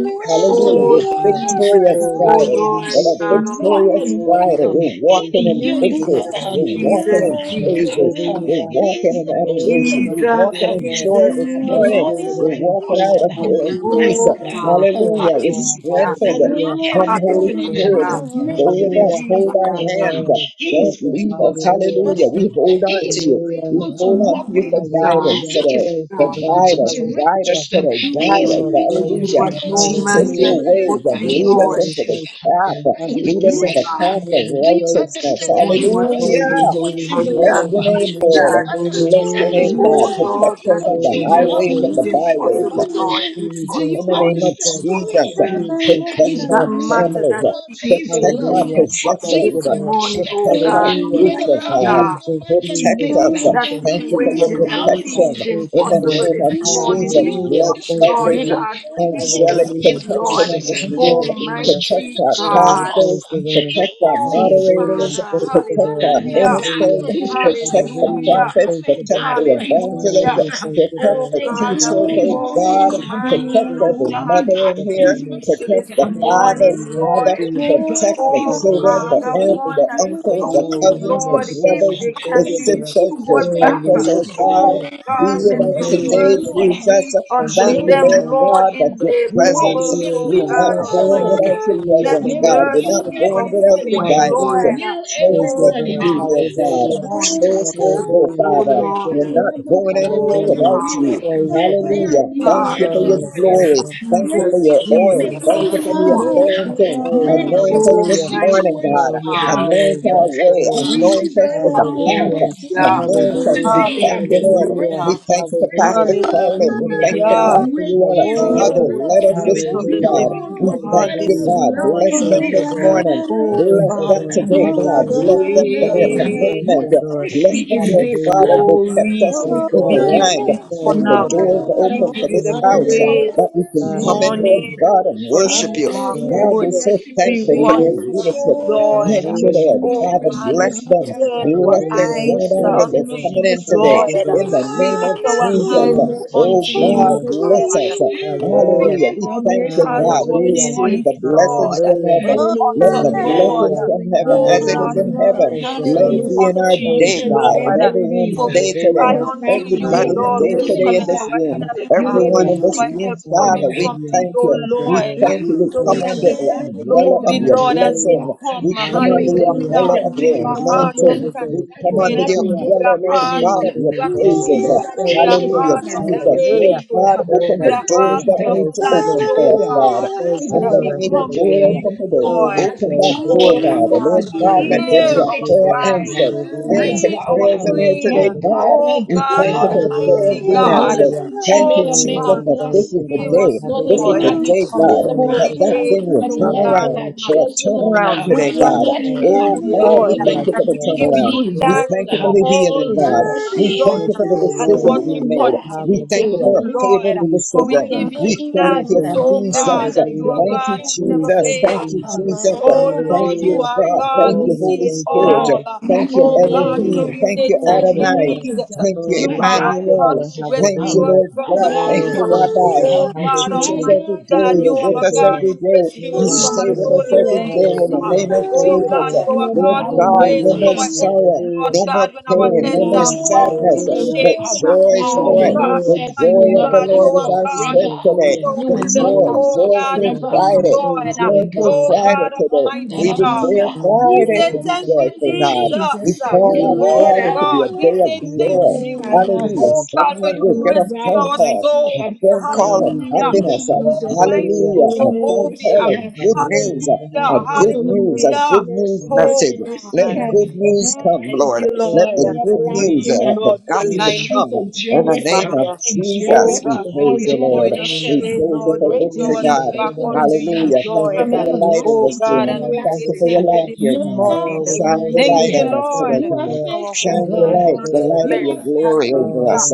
B: Thank
E: Hallelujah.
B: you,
F: oh
E: We're
F: Jesus,
E: victorious,
F: oh
B: Holy,
E: God.
B: Holy,
F: Lord
E: What a
F: God
B: Holy.
F: Almighty,
E: victorious
B: Praise
E: Friday.
B: Him.
E: We're
B: Praise
E: walking
B: Him.
E: in
B: Praise
E: victory.
F: Jesus,
B: Him.
E: We're
B: Praise
E: walking
F: Jesus,
B: Him.
E: in
F: Jesus,
E: praises. We're
B: Hallelujah.
E: walking in
B: Glory. We
E: adoration. We're
B: worship
F: Jesus,
E: walking
B: you,
E: in
B: God.
E: joy
F: Jesus,
E: this
B: In
F: Jesus,
E: morning.
B: spirit
E: We're
B: and in
E: walking
B: truth.
E: out of here in
B: Hallelujah.
E: peace.
F: oh
B: We
F: God,
B: worship
E: Hallelujah. We're
B: God.
F: hallelujah.
E: strengthened.
B: Hallelujah.
E: Come, Holy
B: Praise
E: Spirit.
F: Hallelujah.
B: Him.
E: Go with us.
B: Hallelujah.
E: Hold our
F: Jesus,
E: hands.
B: Glory. Praise
E: Don't
B: Him.
E: leave us.
B: Hallelujah.
E: Hallelujah. We
F: Jesus.
E: hold on to you.
B: Hallelujah.
E: We hold on to you
F: Thank
E: for
F: you, God.
E: guidance
B: Hallelujah.
E: today.
B: Thank you,
E: For
F: God.
B: Lord.
E: guide us. Guide us
B: Hallelujah.
E: today. Guide us.
B: Oh,
F: You do
B: glory to
E: Hallelujah.
F: what
B: you.
F: no
E: Teach
F: man
E: us
B: Hallelujah.
F: can
E: your
F: do but
E: ways and
F: you,
E: lead
B: Oh,
E: us
F: Lord.
B: we
E: into the
B: thank you,
E: path.
B: Lord.
E: Lead us
F: Oh,
B: Hallelujah.
E: in the
F: God.
E: path
B: Oh,
E: of
B: we praise you,
E: righteousness.
B: Lord.
F: Only what you can
B: Holy,
F: do,
E: Hallelujah.
B: holy,
F: Father
B: holy,
E: Bless
F: God,
B: holy,
E: your name,
F: Almighty
E: Lord.
B: holy,
F: God.
B: holy,
E: Bless your name, God.
F: Oh,
D: you.
F: Lord,
E: Protect us
F: that
E: on
F: that
E: the
F: is
B: holy,
F: that
E: highways
B: holy,
E: and
F: seems
E: the byways
F: impossible,
B: Jesus,
F: Lord. You touch,
B: Jesus,
E: in the
F: Lord,
E: name of
B: Jesus,
F: this morning.
E: Jesus.
B: Jesus,
E: Protect
F: That
E: our
B: Jesus,
F: matter
E: families.
F: that
B: Jesus.
F: seems
E: Protect our
F: hopeless,
B: Hallelujah.
F: you touch
B: Thank
E: possessions.
F: this
B: you, Lord.
F: morning, oh,
E: Protect our
F: God,
B: Hallelujah.
E: future,
F: Almighty
E: God.
F: God.
B: Jesus,
E: Protect
B: Jesus,
E: us.
B: Jesus.
F: that
E: Thank you for your
F: situation that
B: Hallelujah.
E: protection.
F: seems
B: Thank you,
E: In the
F: impossible
B: Lord.
E: name
F: this
E: of
F: morning.
E: Jesus,
F: You
B: Hallelujah.
E: blood
F: touch,
B: Thank you,
F: Lord
E: coverage,
B: Lord.
F: God. You
E: angelic
B: Hallelujah.
F: intercede,
B: Thank
E: protection
F: Lord.
B: you,
E: in this
B: Lord.
E: room.
B: Hallelujah.
E: Protect
F: Almighty
E: our
B: Oh, we
F: God.
B: thank
E: pastors.
B: you, Lord.
E: Protect our
F: Oh,
B: Hallelujah.
E: moderators.
F: Father.
B: Thank you,
E: Protect
B: Lord.
E: our
F: Hallelujah.
D: Thank
E: ministers.
B: Hallelujah.
E: Protect the
B: Hallelujah.
F: Hallelujah.
E: prophets.
B: Thank you,
E: Protect
B: Lord.
E: the
B: Oh,
E: evangelists.
F: Hallelujah.
B: we thank you,
E: Protect
F: Oh
B: Lord.
E: the
F: God, that
E: teachers,
B: Hallelujah.
E: oh
F: worry
E: God
F: in
B: Thank you.
F: mind,
E: Protect
B: Thank
F: oh
E: every
B: you.
F: God,
E: mother
B: Thank
F: you
E: in
B: you,
F: bring
E: here.
F: peace to this
E: Protect the
B: Lord. Oh, we
E: fathers,
F: morning,
B: worship
E: Father.
F: Lord.
B: you.
E: Protect the
F: Oh
B: Oh, we
E: children, the
F: God,
B: worship
F: the
B: you.
E: aunts,
F: one
E: the
F: that is
E: uncles, the
B: Oh,
F: doubting,
B: we
E: cousins, the
B: humble
F: Lord,
B: the
F: if
B: down
E: brothers,
F: they
B: before
E: the
F: can
B: you,
F: be
B: Lord.
E: sisters.
F: restored
B: Oh,
E: Protect
F: back.
B: we
E: us, oh
B: worship
E: God.
F: Oh
B: you.
E: Be
B: You're
F: God,
E: with
F: let
E: us
F: your
E: today,
B: the
F: mercy
E: Jesus.
F: reach
B: and
F: unto
E: Thank you,
B: whole
F: them,
E: Lord
B: heart.
F: Lord,
E: God, that
F: in
E: your
F: their
B: We are
E: presence,
F: bowels,
B: holy.
F: oh
B: We
E: we're not
F: God
B: commit our
E: born
B: bodies
E: without
F: Almighty.
B: to
E: your
B: you as
F: Let
B: a
E: presence,
B: living
E: God. We're not
F: mercy
E: born
B: sacrifice.
F: come
D: you.
E: without your
F: forth,
E: guidance.
B: Hallelujah.
F: Lord.
E: Show
B: Thank
E: us
B: you,
E: what
F: Oh
E: to
B: Lord.
E: do,
F: God,
E: Lord
F: this
E: God.
B: Hallelujah.
D: Hallelujah,
E: Show
F: morning.
E: us where to go,
B: Hallelujah.
F: Oh
E: Father.
B: Thank you,
F: Lord,
E: We're
B: Lord.
E: not going
F: oh
E: anywhere
B: Hallelujah.
E: without you.
F: God,
B: Praise the Lord.
E: Hallelujah. Thank
F: God,
E: you for your
B: Oh, praise
F: Jesus,
E: glory.
B: Him.
E: Thank you for
F: Jesus,
E: your
B: Praise
F: Jesus,
E: oil.
B: Him.
E: Thank
F: this
E: you for the
F: morning.
E: anointing.
B: Praise.
E: Anoint us
F: Oh
E: this
B: Hallelujah.
E: morning,
F: mighty
E: God.
B: Oh, we
F: God,
B: deserve
E: Anoint our
B: our
E: way.
B: praise.
E: Anoint us in the path.
B: Hallelujah.
F: Hallelujah.
E: Anoint us.
B: Hallelujah.
E: We thank you, Lord.
B: Hallelujah.
F: Hallelujah.
E: We thank you for
B: Hallelujah.
E: Pastor Carolyn. We thank you for
B: Hallelujah.
F: Hallelujah.
E: Pastor Uella. How
F: Oh,
B: Hallelujah.
E: they
F: Holy
E: led us this
F: Spirit of
E: week,
F: the
B: Hallelujah.
E: God.
F: living
E: We
F: God,
E: thank you,
F: this
B: Hallelujah.
E: God. Bless
B: Thank
F: morning.
E: them
B: you,
E: this
B: Lord.
E: morning.
F: Oh,
B: Thank
E: Bless
B: you,
E: them
F: Father, we
B: Lord.
E: today,
F: give you
E: God.
B: Hallelujah.
E: Bless them for
B: Oh,
E: their
B: we praise
E: commitment.
B: you,
F: grace.
B: Lord.
E: Bless
F: We
E: them,
F: give
E: Lord
F: you
E: God, as
B: Hallelujah.
E: they kept
F: glory.
E: us
B: Thank you,
E: in a
F: We
B: Lord.
F: give you
E: line to
F: the
E: put
B: Thank
E: the
F: honor.
B: you,
E: doors
B: Lord.
F: We
E: open
F: give
E: for
F: you
E: this
F: the
B: Thank you,
E: house uh,
B: Lord.
D: hallelujah,
F: praise
E: that we
F: this
E: can come in, Lord
F: morning,
B: Hallelujah.
E: God, and
F: for
E: worship
F: you
B: Praise
E: you.
F: are
B: you, Lord.
E: God,
F: good.
E: we're so
F: We
E: thankful
B: Praise
E: for
F: run
E: their
B: you.
F: to
D: reach
F: you,
E: leadership.
F: Lord.
E: Thank you,
B: Hallelujah.
E: Lord.
F: Oh
E: Father,
B: Hallelujah.
F: God,
E: bless
F: we
E: them.
F: turn our
E: Bless their
B: Hallelujah.
F: eyes
E: going out
B: Thank
E: and
B: you,
E: their
F: unto
B: Lord.
E: coming
F: you,
E: in
B: Thank
E: today.
F: Lord.
B: you,
E: In
B: Lord.
E: the
F: We
E: name of
F: lift our
E: Jesus.
D: Oh,
E: uh,
F: hands
E: Oh,
F: unto
E: God,
F: you,
B: Hallelujah.
E: bless us.
F: God.
E: uh,
F: Oh
B: Hallelujah.
D: Jesus.
E: Hallelujah. We
F: Lord, we
B: Hallelujah.
E: thank you,
F: cast
E: God.
F: our
E: We
B: Hallelujah.
E: receive
F: voice,
E: the blessings
F: Lord,
E: from
B: Hallelujah.
F: to
E: heaven.
D: Oh,
E: Let the
F: utter,
D: I
F: Lord.
E: blessings
B: Hallelujah.
E: from heaven,
D: know
E: as
F: Oh
E: it is
F: God,
D: the
B: Hallelujah.
E: in heaven,
D: Lord.
B: Thank you,
E: let
B: Lord.
E: it
F: supplications
E: be
D: Hallelujah.
E: in our
F: unto you,
B: Thank
E: day,
B: you,
E: God,
B: Lord.
E: in
F: Lord.
E: everyone's
F: For we
E: day
F: cry
E: today,
B: Hallelujah.
D: Oh,
F: unto you,
E: everybody's
F: Lord,
E: day
D: Jesus.
F: with
B: Hallelujah.
E: today in
F: cometh
E: this
F: our
E: room,
F: help. uh,
E: everyone
B: Yeah.
E: in this
F: Our
D: Hallelujah.
E: room,
F: help cometh
E: Father.
F: from
E: We
B: Hallelujah.
F: thee,
E: thank
F: O
E: you.
B: Thank you,
E: We
F: Lord.
B: Lord.
E: thank you. We
F: So
E: come
F: we
B: Thank
D: Reach
E: under
B: you.
F: give
E: the
F: you
B: Lord.
D: it
E: umbrella of
F: glory,
E: your
F: Lord, as we
B: Hallelujah.
E: blessing.
F: come.
E: We
D: to
E: come
F: Hallelujah.
E: under
D: me.
E: the
B: Hallelujah.
E: umbrella of your
F: With a
B: Yes, I
F: heart of
E: anointing.
B: David
D: Hallelujah.
B: did.
E: We come under
F: thanksgiving,
E: the
B: Hallelujah.
F: with
E: umbrella,
F: a
E: Lord
F: heart of
E: God, of your
B: Mm,
F: gratitude,
B: Yes,
E: praises.
B: I
F: with
B: David
F: a
B: did.
D: Hallelujah.
B: it.
E: Hallelujah,
F: heart of
E: Jesus. Lord
B: Hallelujah.
F: praise,
E: God,
B: Through
E: open
F: with
B: the
E: the
F: a
B: holy
F: heart
E: doors that
F: full of
E: need
B: hands.
E: to
F: thanks,
E: open
F: O
E: for us,
B: Hallelujah.
E: God.
F: God,
D: Hallelujah.
B: Thank you,
F: that
E: Somebody
F: we
B: Lord.
E: need a
F: come to
E: door
B: Hallelujah.
F: you,
E: open today.
B: Oh, we
F: Lord.
E: Open that
B: praise
E: door,
F: O
B: you.
E: God. And
D: Hallelujah,
E: Lord
F: Father,
E: God,
B: Lord,
E: let
B: we
E: there
F: hear
E: be a
B: praise
F: our
B: you,
E: prayer
B: Lord.
F: cry.
E: answered.
D: Jesus.
B: Hallelujah.
E: Answer
F: Hear our
E: prayers in here
B: Praise
E: today,
B: you,
F: prayer,
B: Lord.
E: God.
F: oh
E: We
F: God,
E: thank
B: Praise
E: you for
B: you,
E: the
B: Lord.
F: Almighty
E: prayers being
F: God,
D: Hallelujah.
E: answered.
B: Hallelujah.
E: Thank
F: oh
E: you,
B: Oh,
E: Jesus,
B: we
E: that
F: Father,
B: praise
E: this is
B: you,
E: the
F: hear
B: Lord.
E: day.
F: us,
E: This is
F: Lord,
E: the
B: Hallelujah.
D: Glory
E: day,
F: from
D: to
F: this
E: God,
D: your
B: Praise
E: that
F: holy
B: you,
E: that
B: Lord.
F: place,
E: thing will
F: oh
E: turn
D: name.
F: God
E: around
B: Hallelujah.
E: for a
F: Almighty, as
E: turnaround
F: we
B: Mm,
E: today,
D: Worthy
F: cry
D: is
B: yes,
E: God.
F: unto
B: Lord.
D: your
F: you,
E: Oh, God,
F: Lord,
E: we thank
B: Yes,
E: you for
F: and
D: name.
E: the
F: we
B: Lord.
F: give
E: turnaround.
F: you
E: We
B: Yes,
E: thank
F: thanks
E: you for
F: for
E: the
B: Lord. To
F: all
E: healing,
B: your
F: that
E: God.
B: will
F: you have
D: Worthy
E: We thank
B: and
E: you
D: is
F: done
B: to
E: for the
B: your
F: and
B: way.
E: decision
F: what
D: your
E: we
F: you
E: made.
D: name.
E: We
F: continue
E: thank
F: to
E: you
B: Hallelujah.
F: do,
E: for a
F: Lord.
E: favorable
F: For
B: Jesus,
F: we
E: decision.
F: give
B: Jesus,
F: you
E: We thank
F: thanks,
E: you,
B: Jesus.
F: oh
D: Hallelujah.
F: God,
E: Jesus.
F: that you are
B: Hallelujah.
E: Thank
F: God
E: you,
F: who never
E: Jesus.
B: Jesus,
F: fails.
E: Thank you,
B: Jesus.
D: My
E: Jesus.
F: Oh
E: Thank
F: Lord,
E: you,
F: you
B: Hallelujah.
D: God.
F: are
E: God.
F: God
E: Thank
B: Oh,
F: who
E: you,
B: we
E: Holy
F: sees
B: thank you,
E: Spirit.
B: Lord.
F: all.
E: Thank you,
D: Yeah.
F: Oh God, so
B: Hallelujah.
E: Elohim.
F: we
E: Thank
F: say
E: you,
B: Thank
F: thank
B: you,
F: you,
E: Adonai.
B: Lord.
F: Jesus.
E: Thank
B: Oh,
E: you,
F: You
B: we
F: are a
B: thank you,
F: God
E: Emmanuel.
B: Lord.
F: who
E: Thank
F: rescues
E: you,
F: us
B: Hallelujah.
E: Lord
F: from the
E: God.
F: pit.
E: Thank
B: Oh,
E: you,
B: thank you,
E: Rabbi.
B: Lord.
F: Oh
D: Hallelujah.
E: You
F: God,
E: teach us
B: Hallelujah.
F: Almighty
E: every day.
F: God,
E: You're
F: you
B: Thank
F: are
E: with
F: a
B: you,
E: us
F: God
B: Lord.
E: every
F: who
E: day.
F: rescues
E: You
F: us
B: Yes,
F: from
D: Oh,
F: a
E: stay with
B: Lord.
E: us
F: lowly
E: every
D: we
F: place.
E: day
D: is
E: in the
F: Uh,
D: your
B: Hallelujah.
E: name of
D: God.
B: Thank
F: Oh
B: you,
E: Jesus.
F: God,
B: Lord.
F: you are a
E: Lord
F: God who
E: God,
F: raises
E: no
F: up
B: Hallelujah.
E: more
F: our heads,
E: sorrow,
F: Lord
B: Hallelujah.
E: no more
F: God, when our
E: pain,
D: You
E: no
F: heads
E: more
F: are
B: Hallelujah.
F: bowed
E: sadness,
D: reign,
F: in
B: Hallelujah.
E: but
F: shame. Uh,
E: joy,
D: you
F: Oh
E: joy.
D: reign,
F: God,
E: The
B: Hallelujah.
E: joy
F: Almighty
E: of the
F: God, you
E: Lord
F: are
E: is
F: a
B: Hallelujah.
E: our
F: God who
E: strength
F: pulls us
E: today.
B: Hallelujah.
D: you
F: out
E: The
F: of
B: Thank
F: the,
B: you, Lord.
E: joy,
D: reign.
F: oh God,
E: joyful
F: the pit,
B: Hallelujah.
E: Friday,
B: Oh,
F: Lord.
B: we
F: Uh,
B: thank you,
E: joyful
F: Oh
B: Lord.
E: Friday
F: God,
E: today.
D: Thank you,
F: Almighty
E: We
B: Mm,
F: God.
E: declare
D: Jesus.
B: mm,
F: We
E: Friday
F: say
E: to
B: yes,
E: be
F: thank you,
B: Lord.
E: joyful,
B: Thank you.
E: God. We
F: Jesus.
E: call
D: You
E: out
B: Mm.
F: Oh
E: Friday to be
F: God,
E: a
F: we
E: day of
D: reign,
F: say
D: you
F: thank
B: Amen.
E: joy.
F: you.
D: reign,
B: We
D: you
E: Hallelujah.
F: Oh
B: will
F: God, for
E: Someone
F: you
E: will get a
F: rescue
E: phone
F: our
E: call,
F: souls.
E: a phone call of
B: come
F: Hallelujah.
B: face to
E: happiness. uh,
B: face. Hallelujah.
F: Almighty
E: Hallelujah. A phone call
F: Jehovah.
E: of good
F: Hallelujah.
E: news, a,
B: Hallelujah.
E: a good
B: Revelation
E: news, a
F: Hallelujah.
E: good news
B: from
F: Oh
E: message. Let
F: God.
E: good
B: heaven and
E: news come,
F: Thank
E: Lord.
F: you,
B: faith
E: Let
F: Lord.
E: the
B: to faith
E: good
F: For
E: news
F: you,
E: of the
F: Lord, we
E: gospel
F: align
B: and
E: come.
F: with
E: In
F: you,
E: the name of
F: Father.
E: Jesus,
F: Oh
E: we
F: God,
B: faith
F: when
E: praise
F: we
B: to
E: you,
F: are going
E: Lord.
B: faith.
E: We
F: astray,
E: praise you
F: Lord,
E: for
F: you
B: Hallelujah.
F: show
E: victory,
F: us
B: Thank
E: God.
B: you,
F: back
B: Lord.
F: unto you,
E: Hallelujah. Thank you
F: Lord.
E: for your
B: Hallelujah.
E: light in
F: Oh
B: Thank
E: this
B: you,
F: God,
E: room.
F: and
B: Lord.
F: we say
E: Thank you for your
F: thank you
B: Hallelujah.
E: light
F: this
E: here, God.
B: Oh,
F: morning.
B: we
E: Shine
B: thank
E: your
B: you,
F: Thank
E: light
F: you,
B: Lord.
E: on us
B: Thank
E: today,
F: Lord.
B: you,
E: God.
B: Lord.
F: Our
E: Shine
F: hope is
E: your
B: Thank
F: in
B: you,
E: light, the
B: Lord.
F: nothing
E: light of
F: less.
E: your glory over
F: Hallelujah.
E: us.
B: Oh,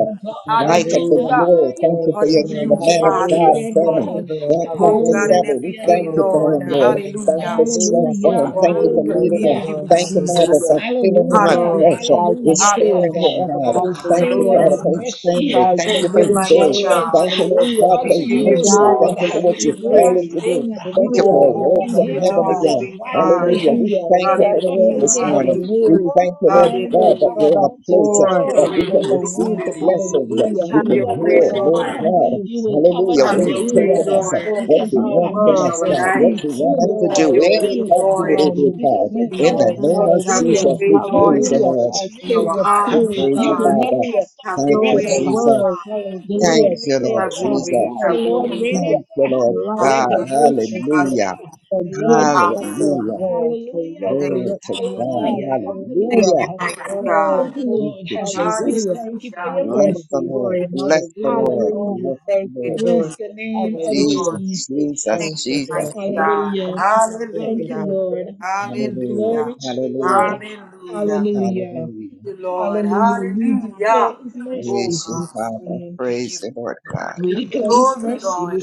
E: Light of the
B: hallelujah.
F: Hallelujah.
E: glory. Thank you
B: Thank
E: for
F: God
B: you,
E: your,
F: in
B: Lord.
E: the
F: you,
E: man of
F: Father,
E: God,
B: Hallelujah.
F: this
B: Thank
E: family.
B: you,
F: morning.
B: Lord.
E: Lord,
F: Oh
E: Pastor
F: God,
B: Hallelujah.
F: and
E: Several, we
F: every day,
E: thank you
B: Oh,
E: for
B: thank
F: Lord.
E: him,
B: you,
E: Lord.
B: Lord.
E: Thank you
F: Hallelujah.
E: for
F: We
E: strength
B: Hallelujah.
E: for
F: put our
E: him. Thank
B: Oh,
E: you
B: we
E: for
F: hope
B: thank
E: leading
F: in
B: you,
E: him.
B: Lord.
F: you,
E: Thank you, Father,
F: Jesus.
B: Hallelujah.
E: for filling him up
B: Oh,
F: Hallelujah.
E: pressure,
B: Christ our King,
E: restoring
F: Hallelujah.
E: him,
B: our
E: God.
B: everlasting
E: Thank you,
F: Thank
B: Lord.
E: Father,
F: you,
E: for his family.
B: Christ
E: Thank
B: the
F: Thank
E: you for
F: you,
E: his
B: living
E: day.
F: mighty
B: bread.
F: God.
E: Thank you, Lord
B: Hallelujah.
E: God,
B: The
F: We
E: for his
F: give you
B: true
E: ministry.
F: glory.
B: God and
E: Thank you
B: the
E: for
F: We
E: what
F: give
B: true
F: you
E: you
B: Lamb.
E: called him to
F: praise.
E: do. Thank you for
F: Oh,
E: a
B: Hallelujah,
F: Holy
E: word
B: Lamb of
E: from
F: Spirit
E: heaven
F: of the
B: God.
E: again.
F: living God.
E: Hallelujah. We
B: Hallelujah.
E: thank you for the
F: Hallelujah.
E: word
B: Nothing
E: this
B: of the
E: morning.
F: Hallelujah.
E: We
B: weary
E: thank you,
B: and
E: Lord God,
B: set
E: that
B: for
F: Hallelujah.
E: we're in
B: the
E: a place uh,
F: Have
B: poor
E: that
F: your way,
E: we
B: and
E: can
B: the
F: Holy
B: weak.
E: receive the
F: Spirit.
E: blessings. uh,
B: Hallelujah.
E: We
F: Have your
E: can hear,
F: way,
B: Eternal high
E: Lord
F: Lord.
E: God.
B: peace.
E: Hallelujah.
F: Have
E: Where
F: your
E: you
F: way,
B: Hallelujah.
E: taking us?
F: Lord,
B: Source
E: What
B: of
E: you
B: all
E: want from
F: in
B: love
E: us
F: our
B: and
E: now? What
B: peace
E: you
F: lives.
B: and
E: want us to
F: Have
E: do?
F: your
B: joy
F: way,
E: Anything do it,
F: Lord,
E: every
B: and
E: God.
F: in
E: In
F: our
E: the
B: meekness.
E: name
F: homes.
E: of
F: Have your
B: Hallelujah.
E: Jesus,
F: way,
E: we praise the
F: Lord,
B: Hallelujah.
E: Lord.
B: Our
F: in
B: King
F: our
B: of
E: We
F: hearts,
B: Kings.
F: oh
E: praise you,
F: God.
E: Father.
B: Hallelujah.
F: Have
E: Thank
F: your
B: Joy
E: you,
B: in the
F: way, oh
E: Jesus.
B: world.
F: God.
E: Thank
B: Hallelujah.
E: you,
B: Joy
E: Lord
F: Have your
B: of
E: Jesus.
F: way, have
B: life.
F: your way.
B: Hallelujah.
E: Thank you, Lord
B: Light
F: Hallelujah.
B: for
E: God.
B: the nations.
E: Hallelujah.
F: Hallelujah.
B: The good shepherd
F: Hallelujah.
E: Hallelujah.
B: where the
F: Thank
E: Glory
F: you,
E: to
B: resurrection of
F: Jesus.
E: God.
B: life.
F: Thank
B: Hallelujah.
F: you,
E: Hallelujah.
F: mighty
B: Oh,
F: God.
B: hope.
E: Thank you, Jesus.
B: Hallelujah.
F: Hallelujah.
B: Our
E: Bless
B: Lord of
E: the
F: Thank
E: Lord.
B: glory.
F: you, Jesus.
E: Bless the
B: Hallelujah.
E: Lord.
B: Oh, we
E: Bless
F: Thank
E: the
B: thank
F: you,
B: you,
E: Lord.
B: Lord. Hallelujah.
F: Lord.
E: Jesus,
F: Thank
B: Thank
E: Jesus,
F: you,
B: you,
E: Jesus.
F: mighty
B: Lord.
F: God.
B: Thank you,
F: Hallelujah.
B: Lord.
E: Hallelujah.
F: Hallelujah.
E: Hallelujah.
F: Hallelujah. Thank
E: Hallelujah.
F: you, Lord. Hallelujah. Oh
E: Praise you,
F: God.
E: Father.
F: We
E: Praise
F: give
E: the Lord God.
F: you glory, Lord.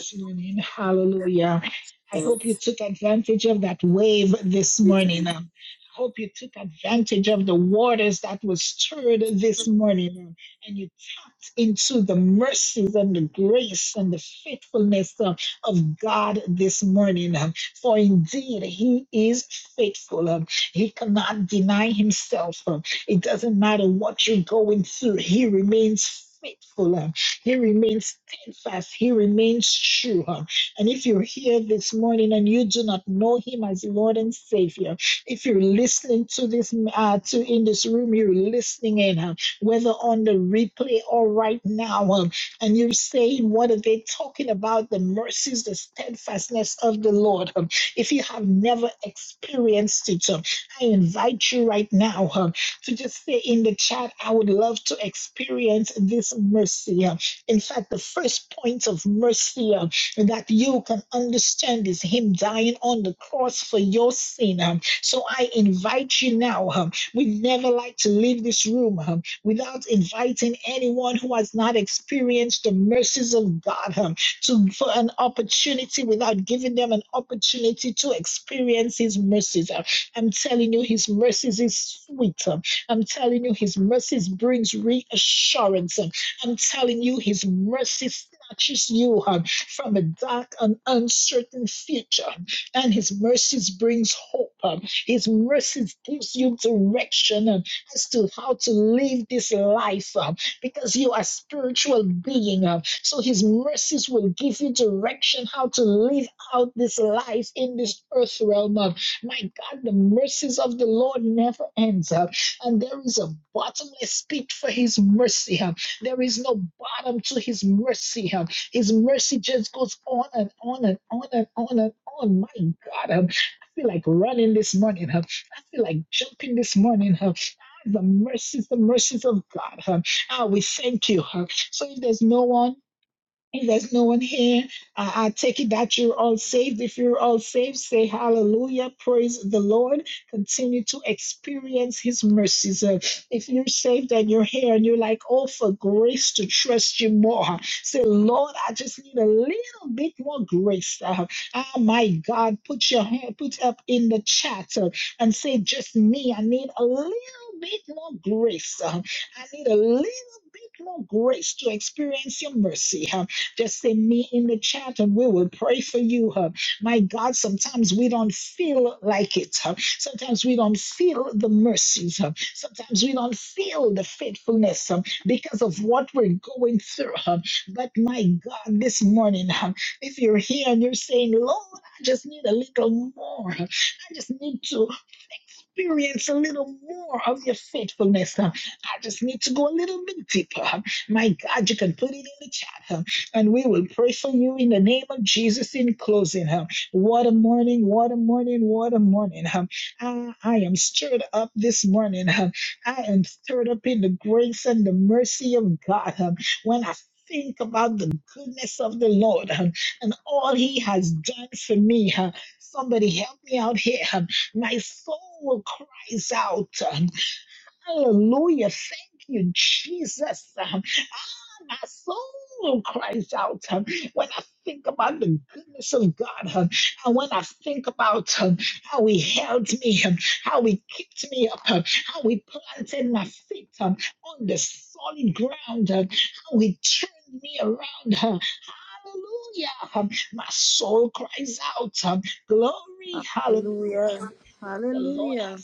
D: Hallelujah. Hallelujah.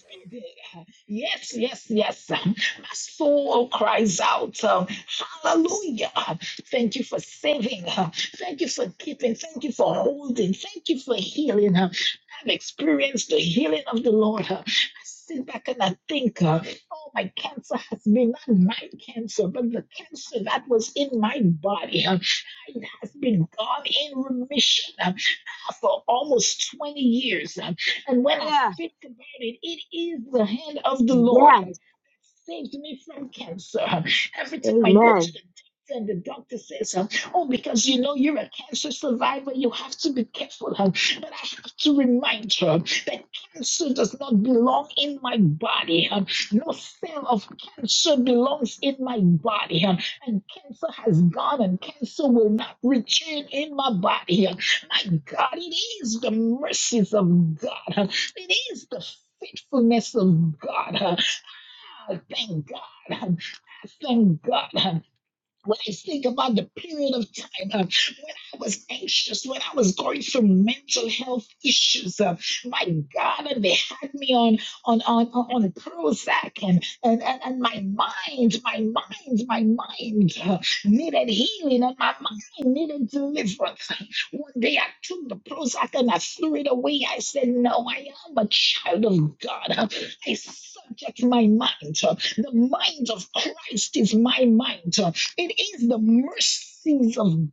B: Yeah. Yes. Amen.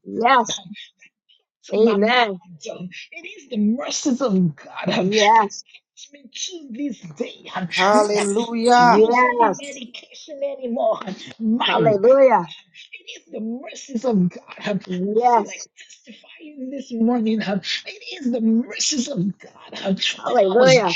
B: Yes. Amen. Yes.
F: Hallelujah.
B: Yes. Hallelujah. Yes. Hallelujah.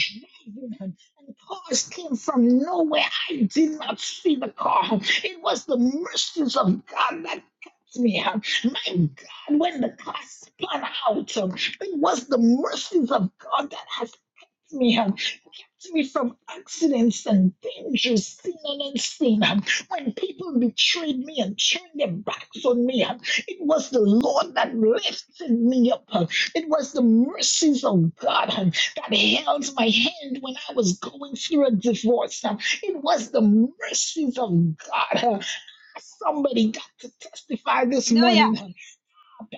B: Hallelujah.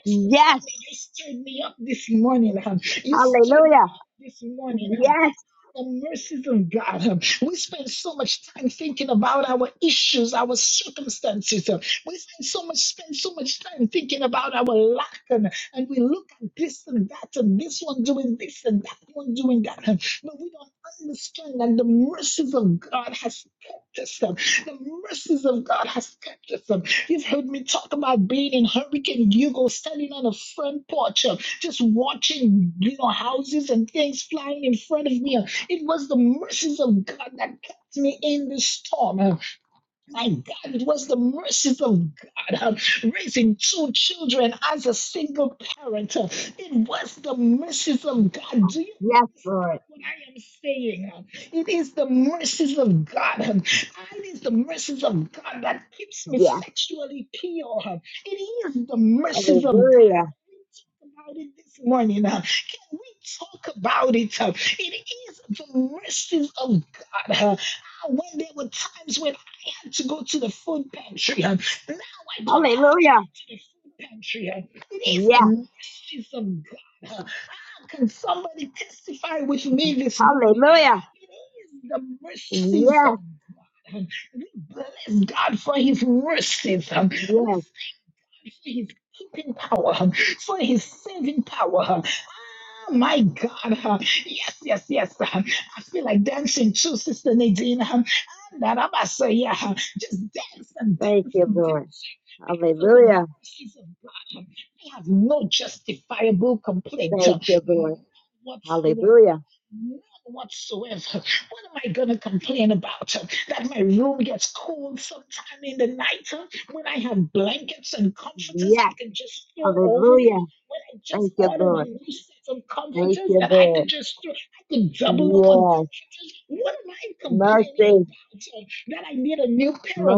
B: Yes. Hallelujah. Yes. Yes, Lord. Yes. Hallelujah. Hallelujah. Yes. Hallelujah. Yes. Yes. Thank you, Lord. Hallelujah. Thank you, Lord. Hallelujah. Yes. Hallelujah. Thank you, Lord. Thank you, Lord. Yes. Mercy.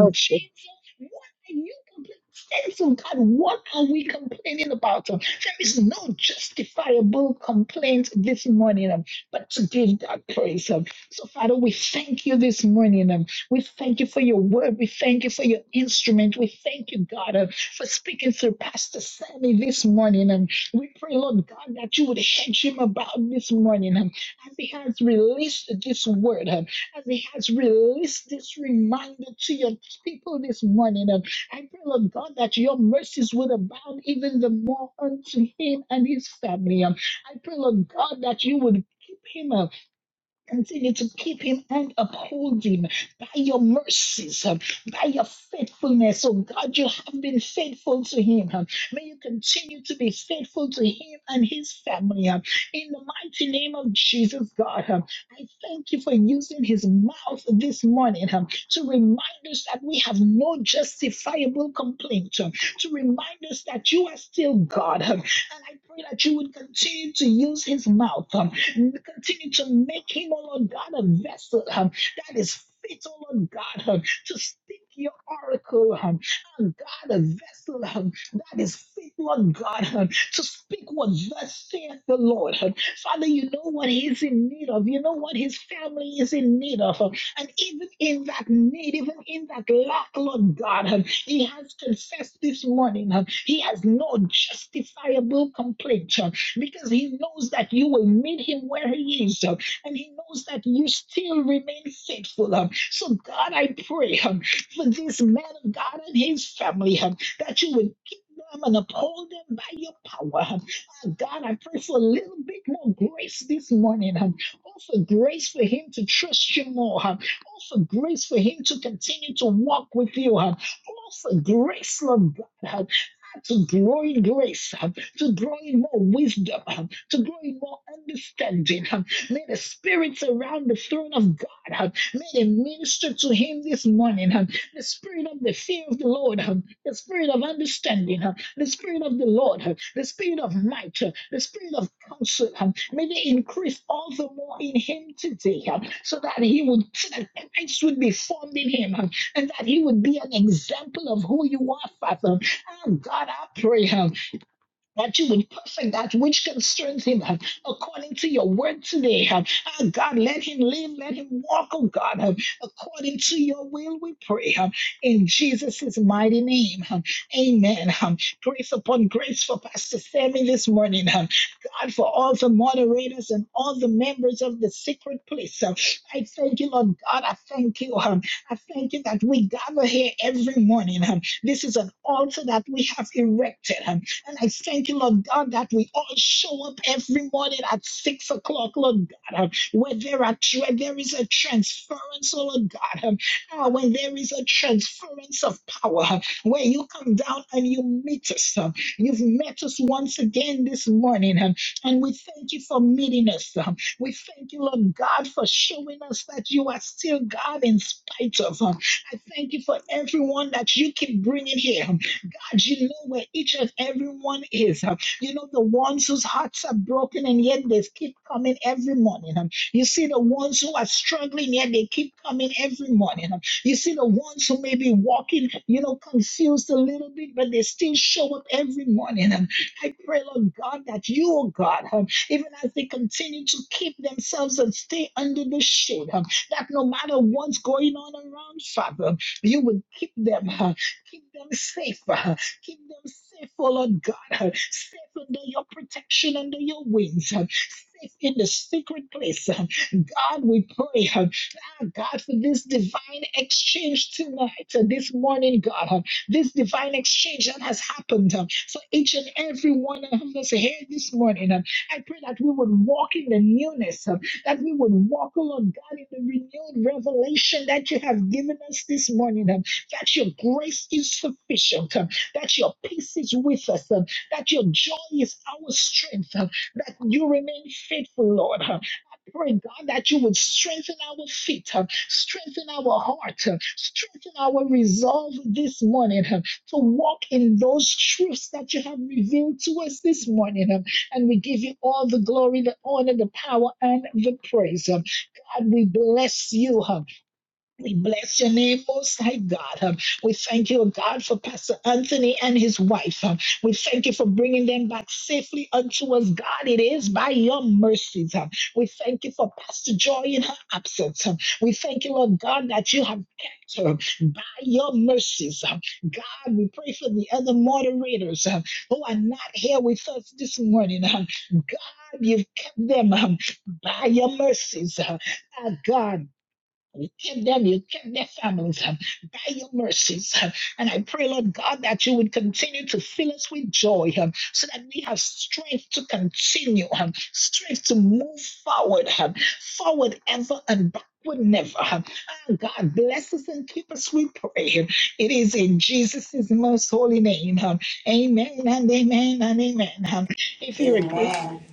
D: Amen.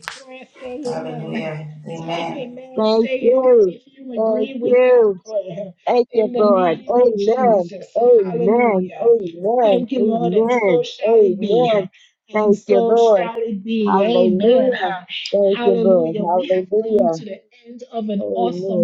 D: Hallelujah.
B: Thank
D: Amen.
B: you. Thank you. Thank you, Lord. Amen. Amen. Amen. Amen. Amen. Thank you, Lord. Hallelujah. Thank you, Lord. Hallelujah. Amen.